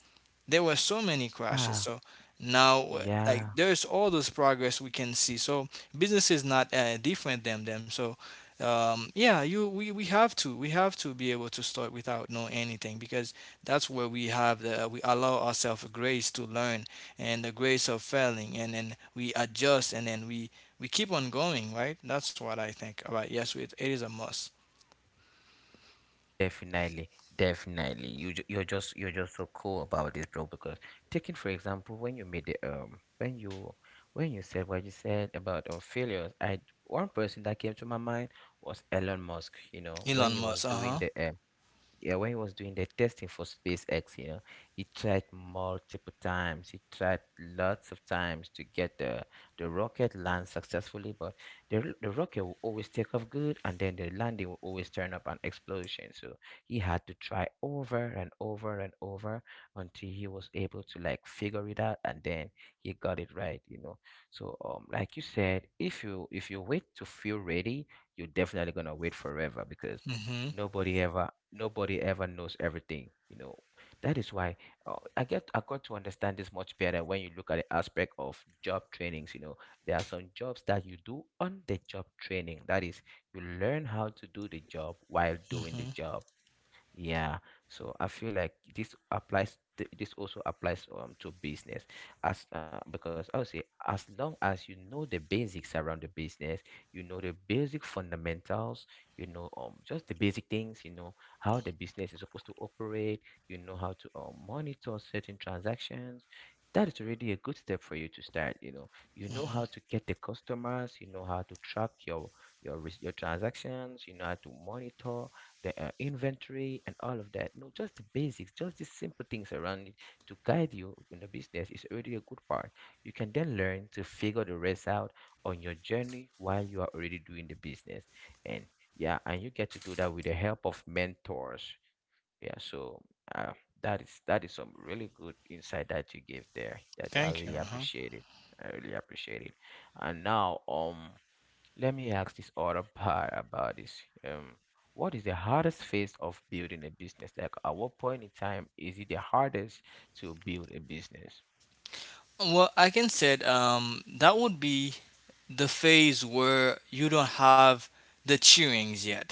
[SPEAKER 2] there were so many crashes. So
[SPEAKER 1] Ah,
[SPEAKER 2] now, like,
[SPEAKER 1] yeah.
[SPEAKER 2] there's all those progress we can see. So business is not different than them. So, yeah, you we have to be able to start without knowing anything, because that's where we have the we allow ourselves grace to learn and the grace of failing, and then we adjust and then we keep on going, right? That's what I think. All right, yes, it is a must.
[SPEAKER 1] Definitely. Definitely. You're just so cool about this, bro, because taking for example when you made the when you said what you said about failures, I one person that came to my mind was Elon Musk, you know,
[SPEAKER 2] Elon
[SPEAKER 1] when he
[SPEAKER 2] Musk.
[SPEAKER 1] was
[SPEAKER 2] Uh huh.
[SPEAKER 1] doing the yeah, when he was doing the testing for SpaceX, you know, he tried multiple times. He tried lots of times to get the rocket land successfully, but the rocket will always take off good, and then the landing will always turn up an explosion. So he had to try over and over and over until he was able to, like, figure it out, and then he got it right, you know. So like you said, if you wait to feel ready, you're definitely gonna wait forever, because
[SPEAKER 2] Mhm.
[SPEAKER 1] nobody ever nobody ever knows everything, you know. That is why, I got to understand this much better when you look at the aspect of job trainings. You know, there are some jobs that you do on the job training, that is, you learn how to do the job while doing the
[SPEAKER 2] Mhm.
[SPEAKER 1] job. Yeah, so I feel like This also applies to business, as because I would say, as long as you know the basics around the business, you know the basic fundamentals, you know just the basic things, you know how the business is supposed to operate, you know how to monitor certain transactions. That is already a good step for you to start. You know
[SPEAKER 2] Mhm.
[SPEAKER 1] how to get the customers. You know how to track your your transactions. You know how to monitor the inventory and all of that. No, just the basics, just the simple things around it to guide you in the business, is already a good part. You can then learn to figure the rest out on your journey while you are already doing the business. And yeah, and you get to do that with the help of mentors. Yeah, so uh, that is some really good insight that you gave there. That I
[SPEAKER 2] Thank you.
[SPEAKER 1] really
[SPEAKER 2] Uh huh.
[SPEAKER 1] appreciate it. I really appreciate it. And now, let me ask this other part about this. What is the hardest phase of building a business? Like, at what point in time is it the hardest to build a business?
[SPEAKER 2] Well, I can say that would be the phase where you don't have the cheerings yet.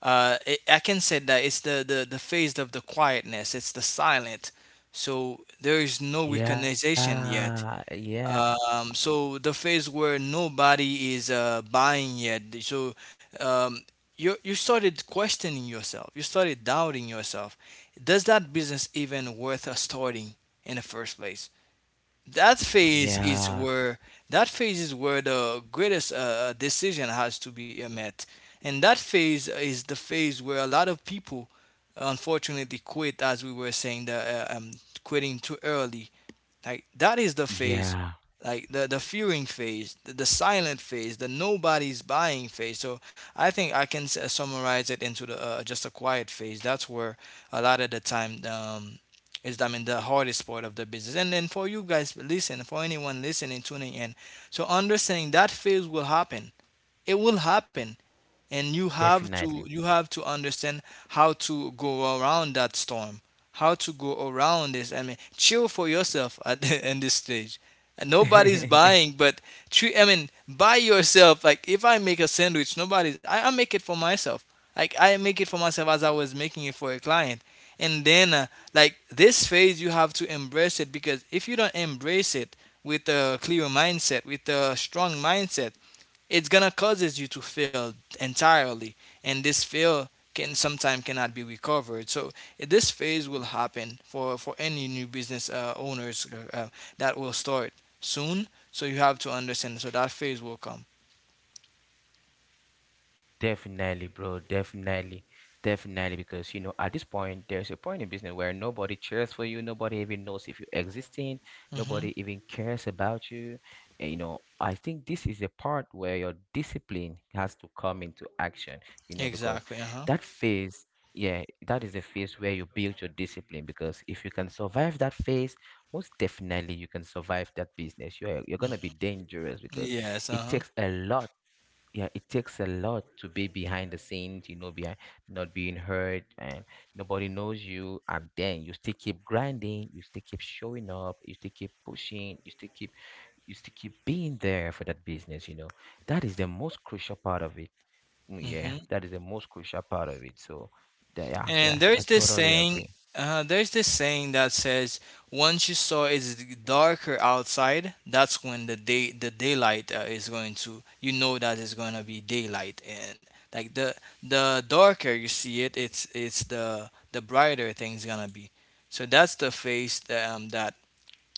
[SPEAKER 2] I can say that it's the phase of the quietness, it's the silent. So there is no
[SPEAKER 1] Yeah,
[SPEAKER 2] recognition yet.
[SPEAKER 1] yeah,
[SPEAKER 2] So the phase where nobody is buying yet. So um, you you started questioning yourself. You started doubting yourself. Does that business even worth us starting in the first place? that phase is
[SPEAKER 1] yeah,
[SPEAKER 2] where that phase is where the greatest decision has to be met, and that phase is the phase where a lot of people unfortunately quit, as we were saying, the quitting too early. Like that is the phase,
[SPEAKER 1] yeah,
[SPEAKER 2] like the fearing phase, the silent phase, the nobody's buying phase. So I think I can summarize it into the just a quiet phase. That's where a lot of the time is I mean the hardest part of the business. And then for you guys listening, for anyone listening, tuning in, so understanding that phase will happen. It will happen, and you have to you
[SPEAKER 1] definitely.
[SPEAKER 2] have to understand how to go around that storm, how to go around this I mean chill for yourself at the, in this stage and nobody's buying, but treat I mean buy yourself like if I make a sandwich nobody's I make it for myself, like I make it for myself as I was making it for a client. And then like this phase you have to embrace it, because if you don't embrace it with a clear mindset, with a strong mindset, it's gonna causes you to fail entirely, and this fail can sometimes cannot be recovered. So this phase will happen for any new business owners that will start soon, so you have to understand, so that phase will come.
[SPEAKER 1] Definitely, bro. Definitely. Definitely. Because, you know, at this point, there's a point in business where nobody cheers for you. Nobody even knows if you're existing.
[SPEAKER 2] Hmm.
[SPEAKER 1] Nobody even cares about you. And, you know, I think this is the part where your discipline has to come into action, you know, because
[SPEAKER 2] Exactly. Uh-huh.
[SPEAKER 1] that phase, yeah, that is the phase where you build your discipline. Because if you can survive that phase, most definitely you can survive that business. You're going to be dangerous, because
[SPEAKER 2] Yes.
[SPEAKER 1] it
[SPEAKER 2] Uh-huh.
[SPEAKER 1] takes a lot, yeah, it takes a lot to be behind the scenes, you know, behind not being heard and nobody knows you, and then you still keep showing up, you still keep being there for that business, you know. That is the most crucial part of it. Mm,
[SPEAKER 2] Hmm.
[SPEAKER 1] yeah, that is the most crucial part of it. So yeah,
[SPEAKER 2] And
[SPEAKER 1] yeah, I totally agree.
[SPEAKER 2] there's this saying that says, once you saw it's darker outside, that's when the day the daylight is going to, you know that it's going to be daylight. And like the darker you see it, it's the brighter things gonna be. So that's the phase that, that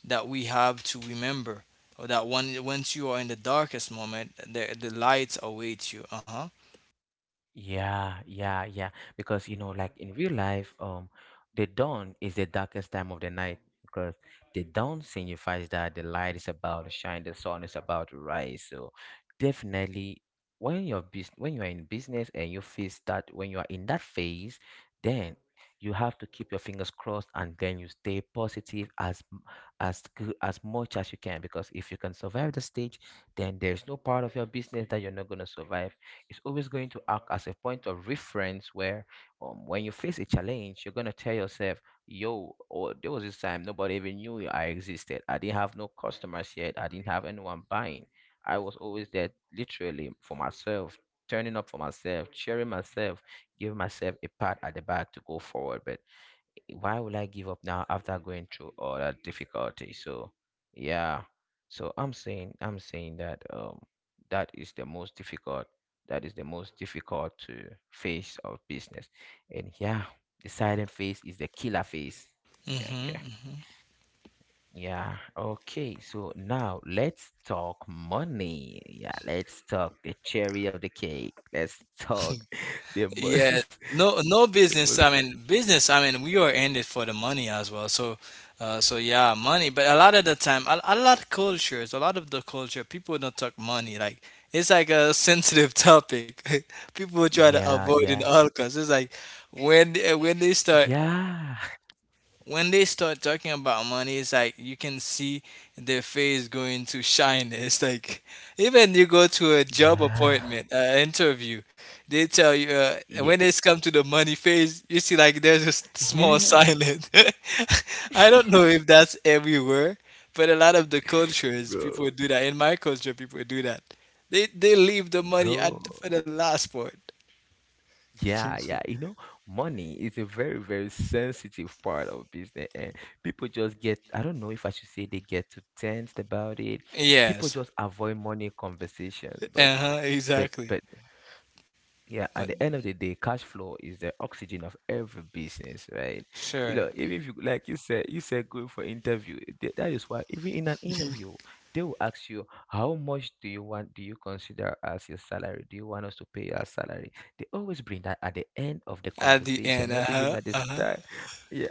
[SPEAKER 2] that we have to remember, or that one once you are in the darkest moment, the lights await you. Uh huh.
[SPEAKER 1] Yeah, yeah, yeah. Because, you know, like in real life, the dawn is the darkest time of the night, because the dawn signifies that the light is about to shine, the sun is about to rise. So definitely, when you're bus when you are in business and you face that, when you are in that phase, then you have to keep your fingers crossed and then you stay positive as as good as much as you can, because if you can survive the stage, then there's no part of your business that you're not gonna survive. Is always going to act as a point of reference where, when you face a challenge, you're going to tell yourself, yo, or there was this time nobody even knew I existed. I didn't have no customers yet. I didn't have anyone buying. I was always there literally for myself, turning up for myself, cheering myself, giving myself a pat at the back to go forward. But why would I give up now after going through all that difficulty? So yeah. So I'm saying that that is the most difficult that is the most difficult to phase of business. And yeah, the silent phase is the killer phase. Yeah,
[SPEAKER 2] Mhm.
[SPEAKER 1] okay.
[SPEAKER 2] Mhm.
[SPEAKER 1] Yeah. Okay. So now let's talk money. Yeah, let's talk the cherry of the cake. Let's talk the
[SPEAKER 2] Yeah,
[SPEAKER 1] most
[SPEAKER 2] no, no
[SPEAKER 1] the most
[SPEAKER 2] business. I mean, business. I mean, we are in it for the money as well. So, so yeah, money. But a lot of the time, a lot of cultures, a lot of the culture, people don't talk money. Like it's like a sensitive topic. People try to
[SPEAKER 1] Yeah,
[SPEAKER 2] avoid in
[SPEAKER 1] yeah.
[SPEAKER 2] all costs. It's like when they start
[SPEAKER 1] Yeah.
[SPEAKER 2] when they start talking about money, it's like you can see their face going to shyness. Like even you go to a job
[SPEAKER 1] Yeah.
[SPEAKER 2] appointment, interview, they tell you
[SPEAKER 1] Yeah.
[SPEAKER 2] when it's come to the money phase, you see like there's a small
[SPEAKER 1] Yeah.
[SPEAKER 2] silence. I don't know if that's everywhere, but a lot of the cultures
[SPEAKER 1] Bro.
[SPEAKER 2] people do that. In my culture, people do that. They leave the money at
[SPEAKER 1] Bro.
[SPEAKER 2] for the last part.
[SPEAKER 1] Yeah, yeah. You know, money is a very, very sensitive part of business. And people just get, I don't know if I should say they get too tensed about it. People
[SPEAKER 2] Yes.
[SPEAKER 1] just avoid money conversations. But
[SPEAKER 2] Uh huh.
[SPEAKER 1] but
[SPEAKER 2] Exactly.
[SPEAKER 1] but yeah,
[SPEAKER 2] But
[SPEAKER 1] at the end of the day, cash flow is the oxygen of every business, right? You
[SPEAKER 2] sure.
[SPEAKER 1] know, even if you like you said going for interview. That is why even in an interview, they will ask you how much do you want, do you consider as your salary? Do you want us to pay your salary? They always bring that at the end of the
[SPEAKER 2] At the end,
[SPEAKER 1] conversation, not
[SPEAKER 2] uh
[SPEAKER 1] even
[SPEAKER 2] huh,
[SPEAKER 1] at the
[SPEAKER 2] uh huh.
[SPEAKER 1] start. Yeah,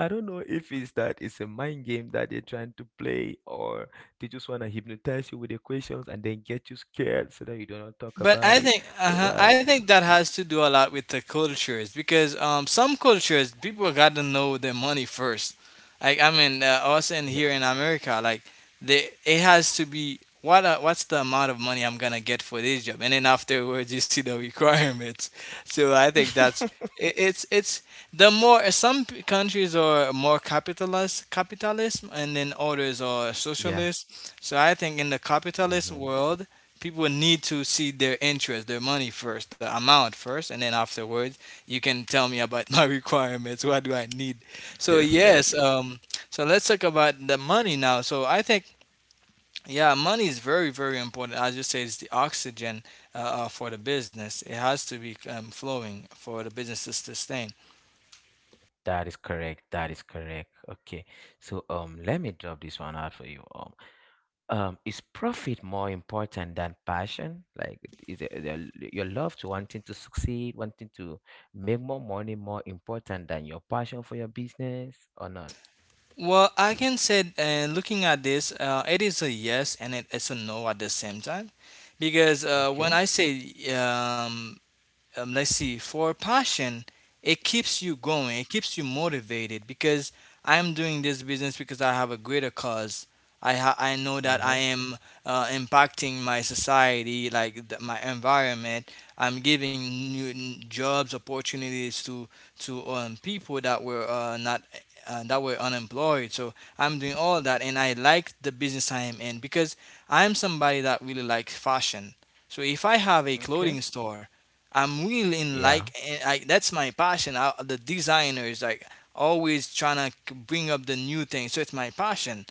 [SPEAKER 1] I don't know if it's that it's a mind game that they're trying to play, or they just want to hypnotize you with the questions and then get you scared so that you don't talk
[SPEAKER 2] But
[SPEAKER 1] about it. Whereas
[SPEAKER 2] I think that has to do a lot with the cultures because some cultures people got to know their money first. Us in
[SPEAKER 1] yeah.
[SPEAKER 2] here in America, like they it has to be what what's the amount of money I'm gonna get for this job, and then afterwards you see the requirements. So I think that's it's the more some countries are more capitalist capitalism, and then others are
[SPEAKER 1] Yeah.
[SPEAKER 2] socialist. So I think in the capitalist
[SPEAKER 1] Hmm.
[SPEAKER 2] world people will need to see their interest, their money first, the amount first, and then afterwards you can tell me about my requirements. What do I need? So yes,
[SPEAKER 1] Definitely.
[SPEAKER 2] so let's talk about the money now. So I think yeah, money is very very important. As you say, it's the oxygen for the business. It has to be flowing for the business to sustain.
[SPEAKER 1] That is correct. That is correct. Okay. So let me drop this one out for you. Um, is profit more important than passion? Like is it, your love to wanting to succeed, wanting to make more money more important than your passion for your business or not?
[SPEAKER 2] Well, I can say, looking at this, it is a yes and it is a no at the same time, because when
[SPEAKER 1] Okay.
[SPEAKER 2] I say let's see. For a passion, it keeps you going, it keeps you motivated because I'm doing this business because I have a greater cause. I know that I
[SPEAKER 1] Mhm.
[SPEAKER 2] am impacting my society, like my environment. I'm giving new jobs opportunities to people that were not that were unemployed. So I'm doing all that and I like the business I am in because I'm somebody that really likes fashion, so if I have a clothing
[SPEAKER 1] Okay.
[SPEAKER 2] store, I'm really in, like
[SPEAKER 1] Yeah.
[SPEAKER 2] that's my passion. The designers like always trying to bring up the new thing, so it's my passion.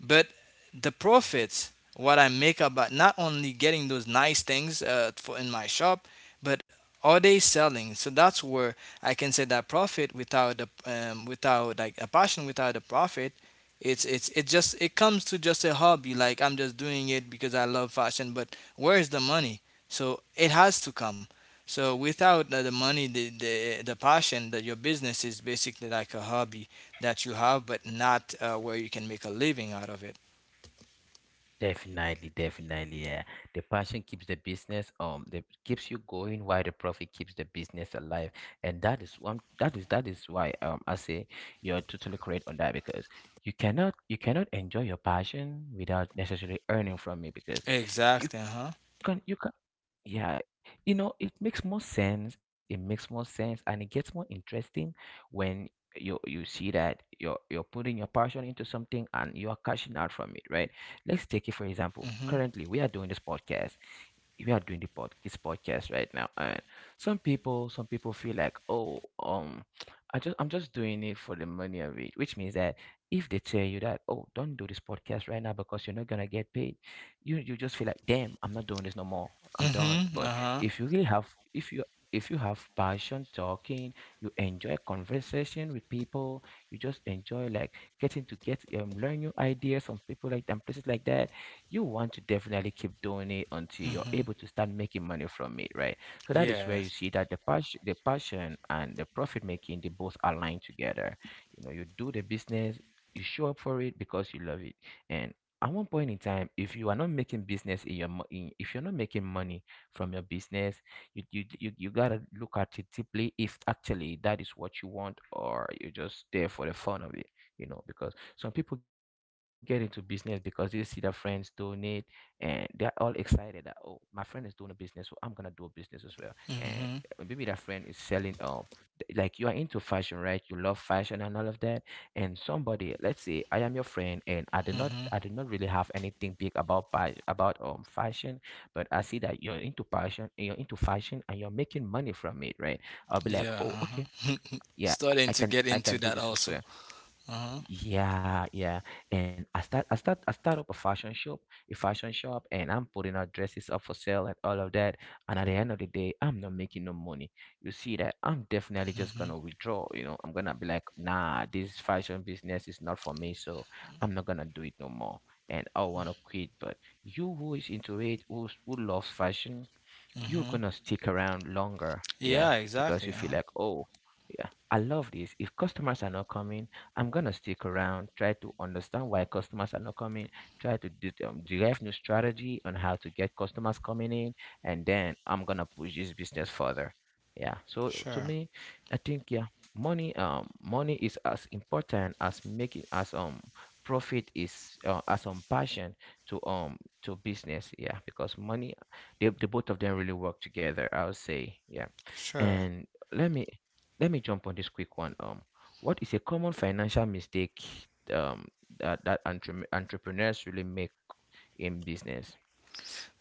[SPEAKER 2] But the profits, what I make about, not only getting those nice things for in my shop, but are they selling? So that's where I can say that profit without the without, like, a passion without a profit, it comes to just a hobby, like I'm just doing it because I love fashion, but where is the money? So it has to come. So without the money, the passion that your business is basically like a hobby that you have, but not where you can make a living out of it.
[SPEAKER 1] Definitely, definitely, yeah. The passion keeps the business the keeps you going, while the profit keeps the business alive. And that is one, that is why I say you're totally correct on that because you cannot enjoy your passion without necessarily earning from it because
[SPEAKER 2] Exactly. Uh huh.
[SPEAKER 1] you can yeah, you know, it makes more sense. It makes more sense, and it gets more interesting when you see that you're putting your passion into something and you are cashing out from it, right? Let's take it for example.
[SPEAKER 2] Mhm.
[SPEAKER 1] Currently, we are doing this podcast. We are doing the pod this podcast right now, and some people feel like, oh, I'm just doing it for the money of it, which means that if they tell you that, oh, don't do this podcast right now because you're not gonna get paid, you just feel like, damn, I'm not doing this no more. I'm done.
[SPEAKER 2] Mhm. Uh
[SPEAKER 1] But
[SPEAKER 2] huh.
[SPEAKER 1] if you really have, if you have passion talking, you enjoy conversation with people, you just enjoy, like, getting to get learn new ideas from people, like, and places like that, you want to definitely keep doing it until you're
[SPEAKER 2] Mhm.
[SPEAKER 1] able to start making money from it, right? So that is where
[SPEAKER 2] Yes.
[SPEAKER 1] you see that the passion and the profit making, they both align together. You know, you do the business, you show up for it because you love it. And at one point in time, if you are not making business in your if you're not making money from your business, you you gotta look at it deeply if actually that is what you want, or you're just there for the fun of it, you know. Because some people get into business because they see their friends doing it, and they're all excited that, oh, my friend is doing a business, so I'm gonna do a business as well. And
[SPEAKER 2] Mhm.
[SPEAKER 1] maybe that friend is selling like you are into fashion, right? You love fashion and all of that. And somebody, let's say I am your friend, and I do
[SPEAKER 2] Mhm.
[SPEAKER 1] not really have anything big about fashion, but I see that you're into fashion, and you're making money from it, right? I'll be like,
[SPEAKER 2] Yeah.
[SPEAKER 1] oh,
[SPEAKER 2] Uh huh.
[SPEAKER 1] okay, yeah,
[SPEAKER 2] Starting to get
[SPEAKER 1] I
[SPEAKER 2] into
[SPEAKER 1] can do
[SPEAKER 2] that
[SPEAKER 1] this as
[SPEAKER 2] also.
[SPEAKER 1] well.
[SPEAKER 2] Uh huh.
[SPEAKER 1] Yeah, yeah. And I start up a fashion shop, and I'm putting out dresses up for sale and all of that. And at the end of the day, I'm not making no money. You see that I'm definitely just
[SPEAKER 2] Mhm.
[SPEAKER 1] gonna withdraw, you know. I'm gonna be like, nah, this fashion business is not for me, so I'm not gonna do it no more. And I wanna quit. But you who is into it, who loves fashion, you're
[SPEAKER 2] Mhm.
[SPEAKER 1] gonna stick around longer,
[SPEAKER 2] Yeah.
[SPEAKER 1] yeah,
[SPEAKER 2] Exactly.
[SPEAKER 1] because
[SPEAKER 2] Uh
[SPEAKER 1] you feel
[SPEAKER 2] huh.
[SPEAKER 1] like, oh, yeah, I love this. If customers are not coming, I'm gonna stick around, try to understand why customers are not coming, try to derive new strategy on how to get customers coming in, and then I'm gonna push this business further. Yeah. So to
[SPEAKER 2] Sure.
[SPEAKER 1] me, I think, yeah, money, money is as important as making as profit is, as passion to um to business. Yeah, because money, the both of them really work together, I would say. Yeah.
[SPEAKER 2] Sure.
[SPEAKER 1] And let me let me jump on this quick one. What is a common financial mistake um that, that entrepreneurs really make in business?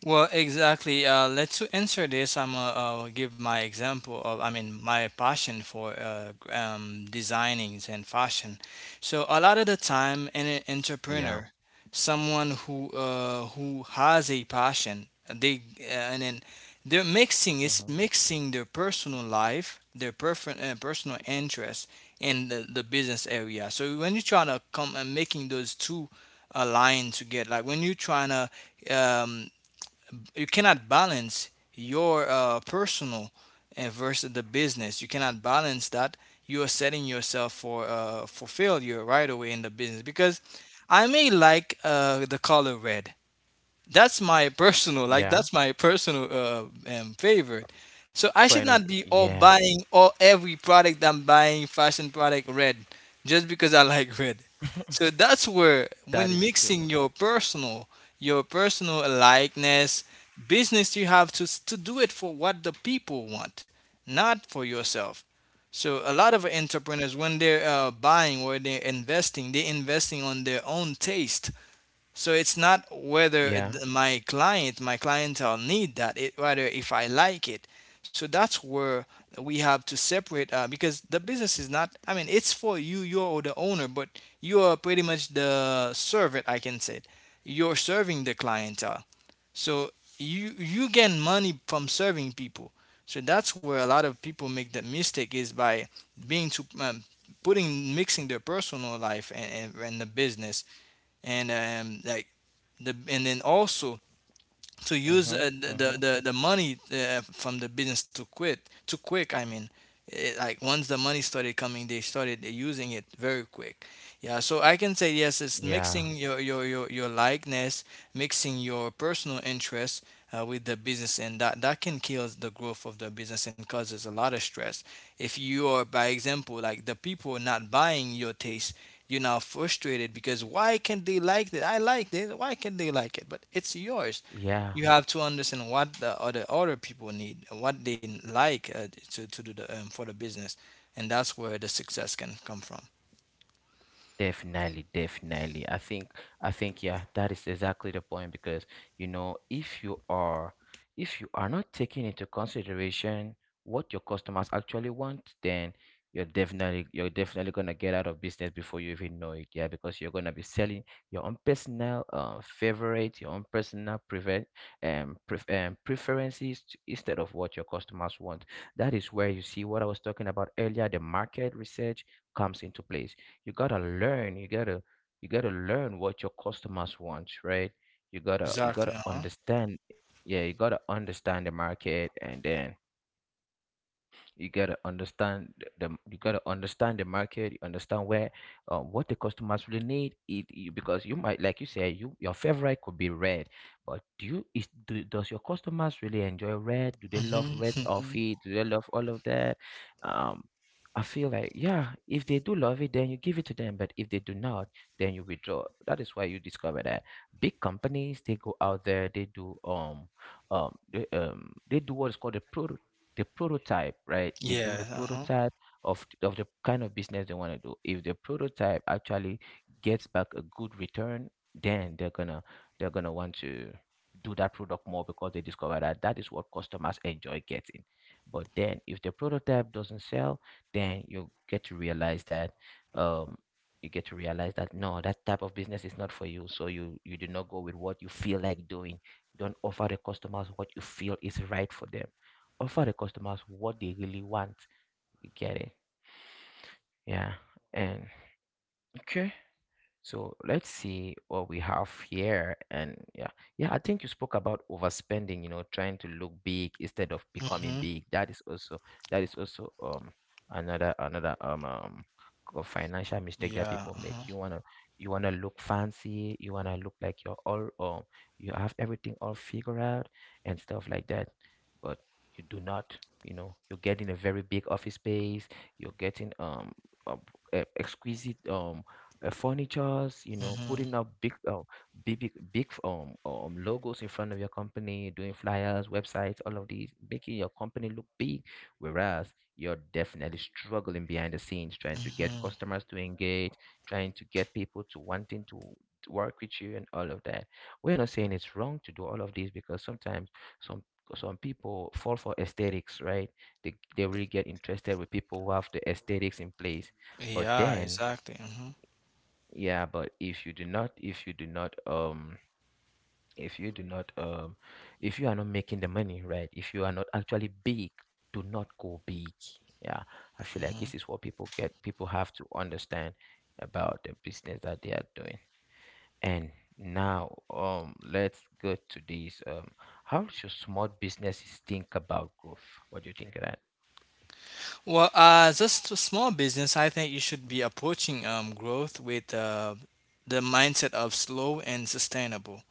[SPEAKER 2] Well, exactly. Let's to answer this. I'm gonna give my example of, I mean, my passion for designings and fashion. So a lot of the time, an
[SPEAKER 1] Yeah.
[SPEAKER 2] entrepreneur, someone who has a passion, they and then they're mixing.
[SPEAKER 1] Mm-hmm.
[SPEAKER 2] It's mixing their personal life, their personal interest, and the business area. So when you try to come and making those two align together, like when you're trying to, you cannot balance your personal and versus the business. You cannot balance that. You are setting yourself for failure right away in the business because I may like the color red, that's my personal,
[SPEAKER 1] Yeah.
[SPEAKER 2] like that's my personal favorite. So I
[SPEAKER 1] Point
[SPEAKER 2] should
[SPEAKER 1] of
[SPEAKER 2] not be all
[SPEAKER 1] yeah.
[SPEAKER 2] buying, all every product I'm buying fashion product red just because I like red. So that's where
[SPEAKER 1] That is
[SPEAKER 2] when
[SPEAKER 1] true.
[SPEAKER 2] mixing your personal likeness, business, you have to do it for what the people want, not for yourself. So a lot of entrepreneurs when they're buying or they're investing on their own taste, so it's not whether
[SPEAKER 1] Yeah.
[SPEAKER 2] my client, my clientele need that, it rather if I like it. So that's where we have to separate because the business is not, I mean, it's for you, you're the owner, but you are pretty much the servant, I can say. You're serving the clientele. So you gain money from serving people. So that's where a lot of people make the mistake is by being too putting, mixing their personal life and, and the business and like the, and then also to use
[SPEAKER 1] Mm-hmm. Mm-hmm.
[SPEAKER 2] the money from the business to quit too quick. I mean, it, like once the money started coming, they started using it very quick. Yeah, so I can say yes, it's
[SPEAKER 1] Yeah.
[SPEAKER 2] mixing your likeness, mixing your personal interests with the business, and that that can kill the growth of the business and causes a lot of stress. If you are, by example, like the people not buying your taste. You're now frustrated because why can't they like it? I like this. Why can't they like it? But it's yours.
[SPEAKER 1] Yeah.
[SPEAKER 2] You have to understand what the other people need, what they like to do the for the business, and that's where the success can come from.
[SPEAKER 1] Definitely, definitely. I think, yeah, that is exactly the point because, you know, if you are not taking into consideration what your customers actually want, then you're definitely gonna get out of business before you even know it. Yeah, because you're gonna be selling your own personal favorite, your own personal prevent preferences instead of what your customers want. That is where you see what I was talking about earlier, the market research comes into place. You gotta learn you gotta learn what your customers want, right? You
[SPEAKER 2] Exactly.
[SPEAKER 1] gotta
[SPEAKER 2] Uh huh.
[SPEAKER 1] understand, yeah, you gotta understand the market, and then you gotta understand the you gotta understand the market, you understand where what the customers really need it, you, because you might, like you said, you, your favorite could be red, but do you is do, does your customers really enjoy red? Do they love
[SPEAKER 2] Mhm.
[SPEAKER 1] red
[SPEAKER 2] Mhm.
[SPEAKER 1] outfit? Do they love all of that? Um, I feel like, yeah, if they do love it, then you give it to them, but if they do not, then you withdraw. That is why you discover that big companies, they go out there, they do they do what is called a pro the prototype, right? They do
[SPEAKER 2] Yeah.
[SPEAKER 1] the
[SPEAKER 2] Uh huh.
[SPEAKER 1] prototype of the kind of business they want to do. If the prototype actually gets back a good return, then they're gonna want to do that product more because they discover that that is what customers enjoy getting. But then if the prototype doesn't sell, then you get to realize that um you get to realize that, no, that type of business is not for you. So you do not go with what you feel like doing. You don't offer the customers what you feel is right for them. Offer the customers what they really want. You get it? Yeah. And okay, so let's see what we have here. And yeah, yeah, I think you spoke about overspending, you know, trying to look big instead of becoming
[SPEAKER 2] Mhm.
[SPEAKER 1] big. That is also, that is also um another financial mistake that
[SPEAKER 2] Yeah.
[SPEAKER 1] people
[SPEAKER 2] Uh huh.
[SPEAKER 1] make. You wanna look fancy, you wanna look like you're all, you have everything all figured out and stuff like that. But you do not, you know, you're getting a very big office space, you're getting a, a exquisite furnitures, you know,
[SPEAKER 2] Mhm.
[SPEAKER 1] putting up big, big logos in front of your company, doing flyers, websites, all of these, making your company look big, whereas you're definitely struggling behind the scenes, trying to get
[SPEAKER 2] Mhm.
[SPEAKER 1] customers to engage, trying to get people to wanting to work with you and all of that. We're not saying it's wrong to do all of these, because sometimes some some people fall for aesthetics, right? They really get interested with people who have the aesthetics in place. But
[SPEAKER 2] Yeah.
[SPEAKER 1] then,
[SPEAKER 2] Exactly. Mhm.
[SPEAKER 1] yeah, but if you do not, if you do not, if you do not, if you are not making the money, right? If you are not actually big, do not go big. Yeah, I feel like
[SPEAKER 2] Mhm.
[SPEAKER 1] this is what people get. People have to understand about the business that they are doing. And now, let's go to this. How should small businesses think about growth? What do you think of that?
[SPEAKER 2] Well, as a small business, I think you should be approaching growth with the mindset of slow and sustainable.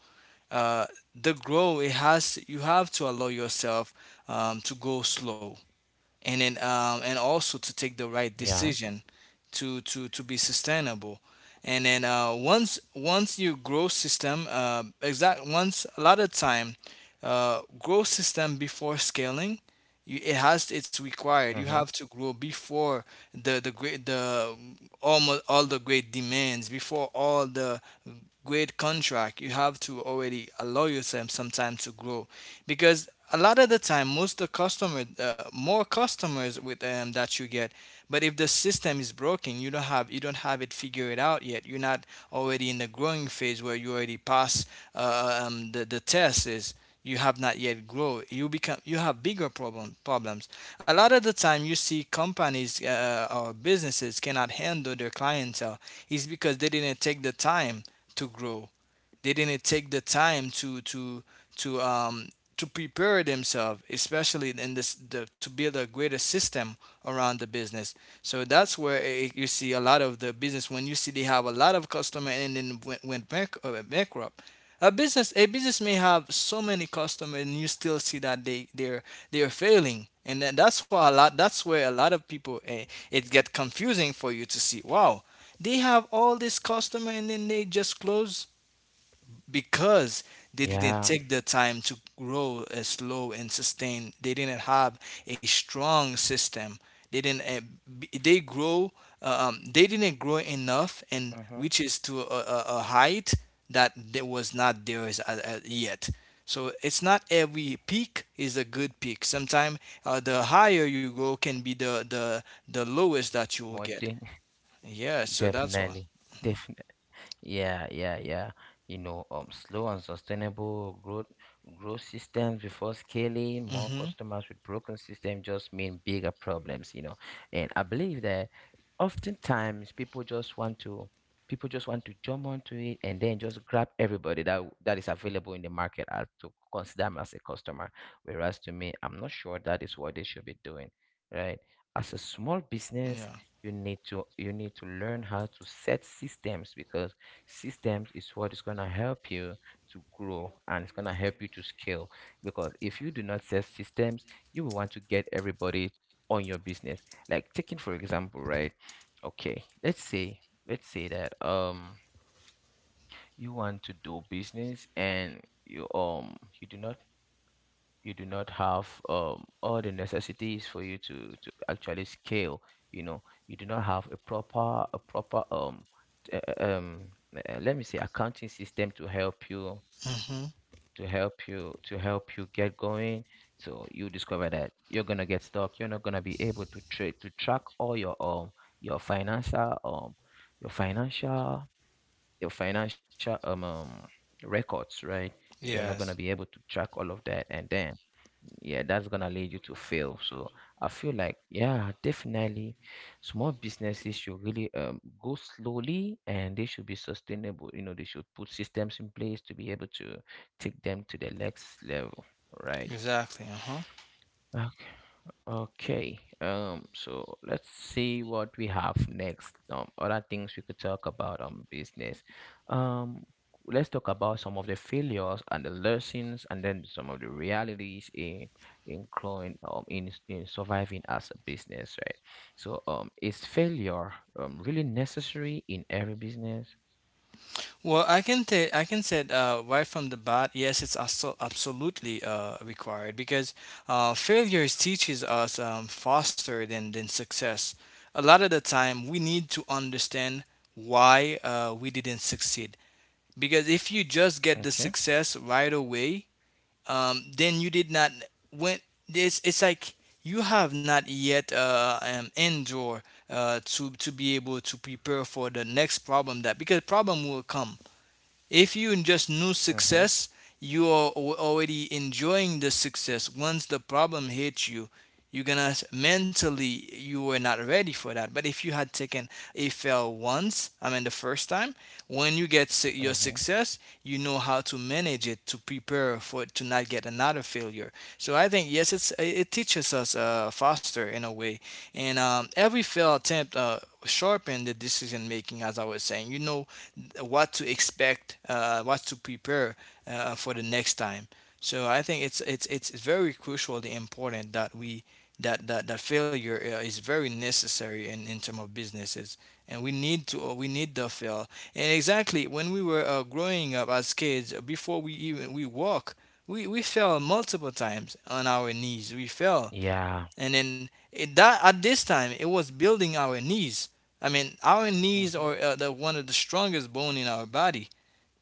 [SPEAKER 2] uh, the growth, it has, you have to allow yourself to go slow, and then and also to
[SPEAKER 1] Yeah.
[SPEAKER 2] take the right decision to be sustainable. And then once you grow system exact once, a lot of time, grow system before scaling. You, it has, it's
[SPEAKER 1] Mm-hmm.
[SPEAKER 2] required, you have to grow before the great the almost all the great demands, before all the great contract you have to already allow yourself some time to grow, because a lot of the time, most the customer more customers with that you get. But if the system is broken, you don't have, you don't have it figured out yet, you're not already in the growing phase where you already pass the test is you have not yet grow, you become, you have bigger problems. A lot of the time you see companies or businesses cannot handle their clientele is because they didn't take the time to grow. They didn't take the time to um, to prepare themselves, especially in this the, to build a greater system around the business. So that's where you see a lot of the business when you see they have a lot of customer and then went, went bankrupt. A business may have so many customers and you still see that they're failing. And then that's why a lot that's where a lot of people eh, it get confusing for you to see. Wow, they have all this customer and then they just close because they didn't
[SPEAKER 1] Yeah.
[SPEAKER 2] take the time to grow as slow and sustain. They didn't have a strong system. They didn't. They grow. They didn't grow enough and
[SPEAKER 1] Mm-hmm.
[SPEAKER 2] reaches to a height that there was not theirs yet. So it's not every peak is a good peak. Sometimes the higher you go can be the lowest that you will
[SPEAKER 1] More
[SPEAKER 2] get.
[SPEAKER 1] thing.
[SPEAKER 2] Yeah. So that's why.
[SPEAKER 1] Definitely. Definitely. Yeah, yeah, yeah. You know, slow and sustainable growth, growth systems before scaling, more
[SPEAKER 2] Mhm.
[SPEAKER 1] customers with broken systems just mean bigger problems, you know. And I believe that oftentimes people just want to jump onto it and then just grab everybody that is available in the market as to consider them as a customer. Whereas to me, I'm not sure that is what they should be doing, right? As a small business,
[SPEAKER 2] Yeah.
[SPEAKER 1] you need to learn how to set systems, because systems is what is going to help you to grow, and it's going to help you to scale. Because if you do not set systems, you will want to get everybody on your business. Like, taking for example, right? Okay, let's say, let's say that you want to do business and you you do not, have all the necessities for you to actually scale, you know. You do not have a proper t- uh, um let me say accounting system to help you
[SPEAKER 2] Mhm.
[SPEAKER 1] to help you get going. So you discover that you're gonna get stuck, you're not gonna be able to trade to track all your financial, your financial your financial records, right? You're not gonna be
[SPEAKER 2] Yes.
[SPEAKER 1] able to track all of that, and then yeah, that's gonna lead you to fail. So I feel like, yeah, definitely, small businesses should really go slowly, and they should be sustainable. You know, they should put systems in place to be able to take them to the next level, right?
[SPEAKER 2] Exactly. Uh huh.
[SPEAKER 1] Okay. Okay. So let's see what we have next. Other things we could talk about on business. Um, let's talk about some of the failures and the lessons, and then some of the realities in including in surviving as a business, right? So is failure really necessary in every business?
[SPEAKER 2] Well, I can I can say right from the bat, yes, it's also absolutely required because failures teaches us faster than success. A lot of the time, we need to understand why we didn't succeed, because if you just get the
[SPEAKER 1] Okay.
[SPEAKER 2] success right away, then you did not, when, this it's like you have not yet endure to be able to prepare for the next problem that, because problem will come. If you just knew
[SPEAKER 1] Mm-hmm.
[SPEAKER 2] success, you are already enjoying the success. Once the problem hits you, you're gonna, mentally you were not ready for that. But if you had taken a fail once, I mean the first time, when you get your
[SPEAKER 1] Mm-hmm.
[SPEAKER 2] success, you know how to manage it, to prepare for it, to not get another failure. So I think yes, it's it teaches us faster in a way, and every fail attempt sharpen the decision making. As I was saying, you know what to expect, what to prepare for the next time. So I think it's very crucially important that that failure is very necessary in terms of businesses, and we need to we need the fail. And exactly, when we were growing up as kids, before we even we walk, we fell multiple times on our knees. We fell,
[SPEAKER 1] Yeah.
[SPEAKER 2] and then it, that at this time it was building our knees. I mean our knees are the one of the strongest bone in our body,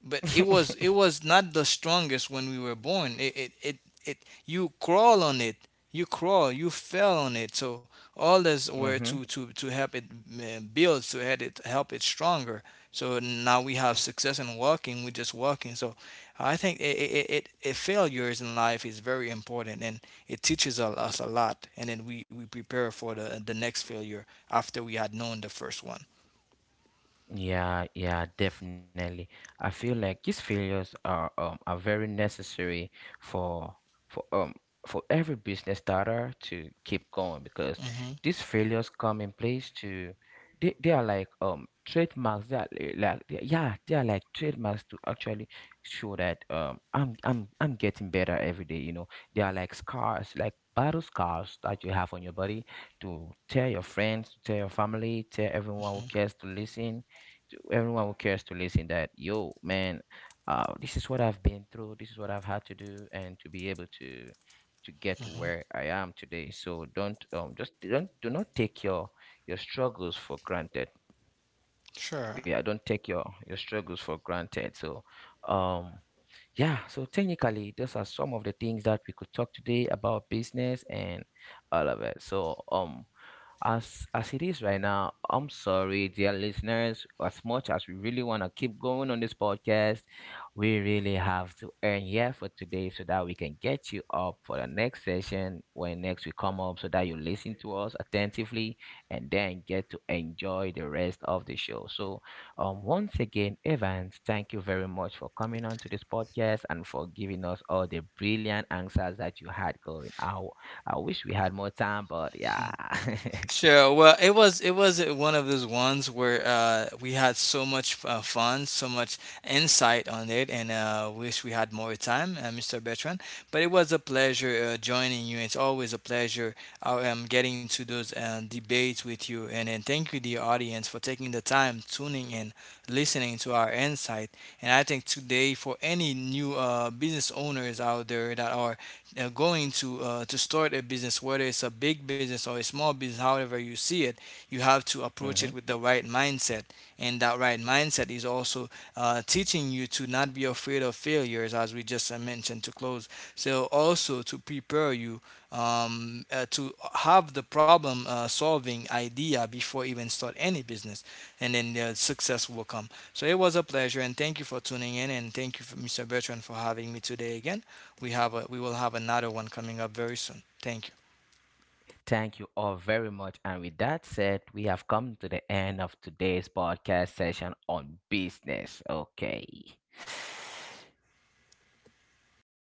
[SPEAKER 2] but it was,
[SPEAKER 1] Mm-hmm.
[SPEAKER 2] it was not the strongest when we were born. It you crawl on it, you crawl, you fell on it. So all this were to help it build, to help it, help it stronger. So now we have success in walking. We're just walking. So I think it failures in life is very important, and it teaches us a lot. And then we prepare for the next failure after we had known the first one.
[SPEAKER 1] Yeah, yeah, definitely. I feel like these failures are very necessary for for um for every business starter to keep going, because
[SPEAKER 2] Hmm.
[SPEAKER 1] these failures come in place to, they are like trademarks that yeah, they are like trademarks to actually show that I'm I'm getting better every day, you know. They are like scars, like battle scars that you have on your body, to tell your friends, to tell your family, tell everyone who cares to listen, that yo man, this is what I've been through, this is what I've had to do, and to be able to get to
[SPEAKER 2] Hmm.
[SPEAKER 1] where I am today. So don't just don't do not take your struggles for granted.
[SPEAKER 2] Sure.
[SPEAKER 1] Yeah, don't take your struggles for granted. So um yeah, so technically those are some of the things that we could talk today about business and all of it. So as it is right now, I'm sorry dear listeners, as much as we really want to keep going on this podcast, we really have to end here for today, so that we can get you up for the next session when next we come up, so that you listen to us attentively and then get to enjoy the rest of the show. So once again, Evans, thank you very much for coming on to this podcast and for giving us all the brilliant answers that you had going. I wish we had more time, but yeah.
[SPEAKER 2] Sure. Well, it was, it was one of those ones where we had so much fun, so much insight on it, and wish we had more time, Mr. Bertrand. But it was a pleasure joining you. It's always a pleasure getting to those debates with you, and thank you, dear audience, for taking the time tuning in, listening to our insight. And I think today, for any new business owners out there that are going to start a business, whether it's a big business or a small business, however you see it, you have to approach it
[SPEAKER 1] Mhm.
[SPEAKER 2] with the right mindset. And that right mindset is also teaching you to not be afraid of failures, as we just mentioned, to close. So also to prepare you to have the problem solving idea before even start any business, and then the success will come. So it was a pleasure, and thank you for tuning in, and thank you for Mr. Bertrand, for having me today again. We have a, we will have another one coming up very soon. Thank you.
[SPEAKER 1] Thank you all very much. And with that said, we have come to the end of today's podcast session on business. Okay.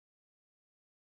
[SPEAKER 1] Oh,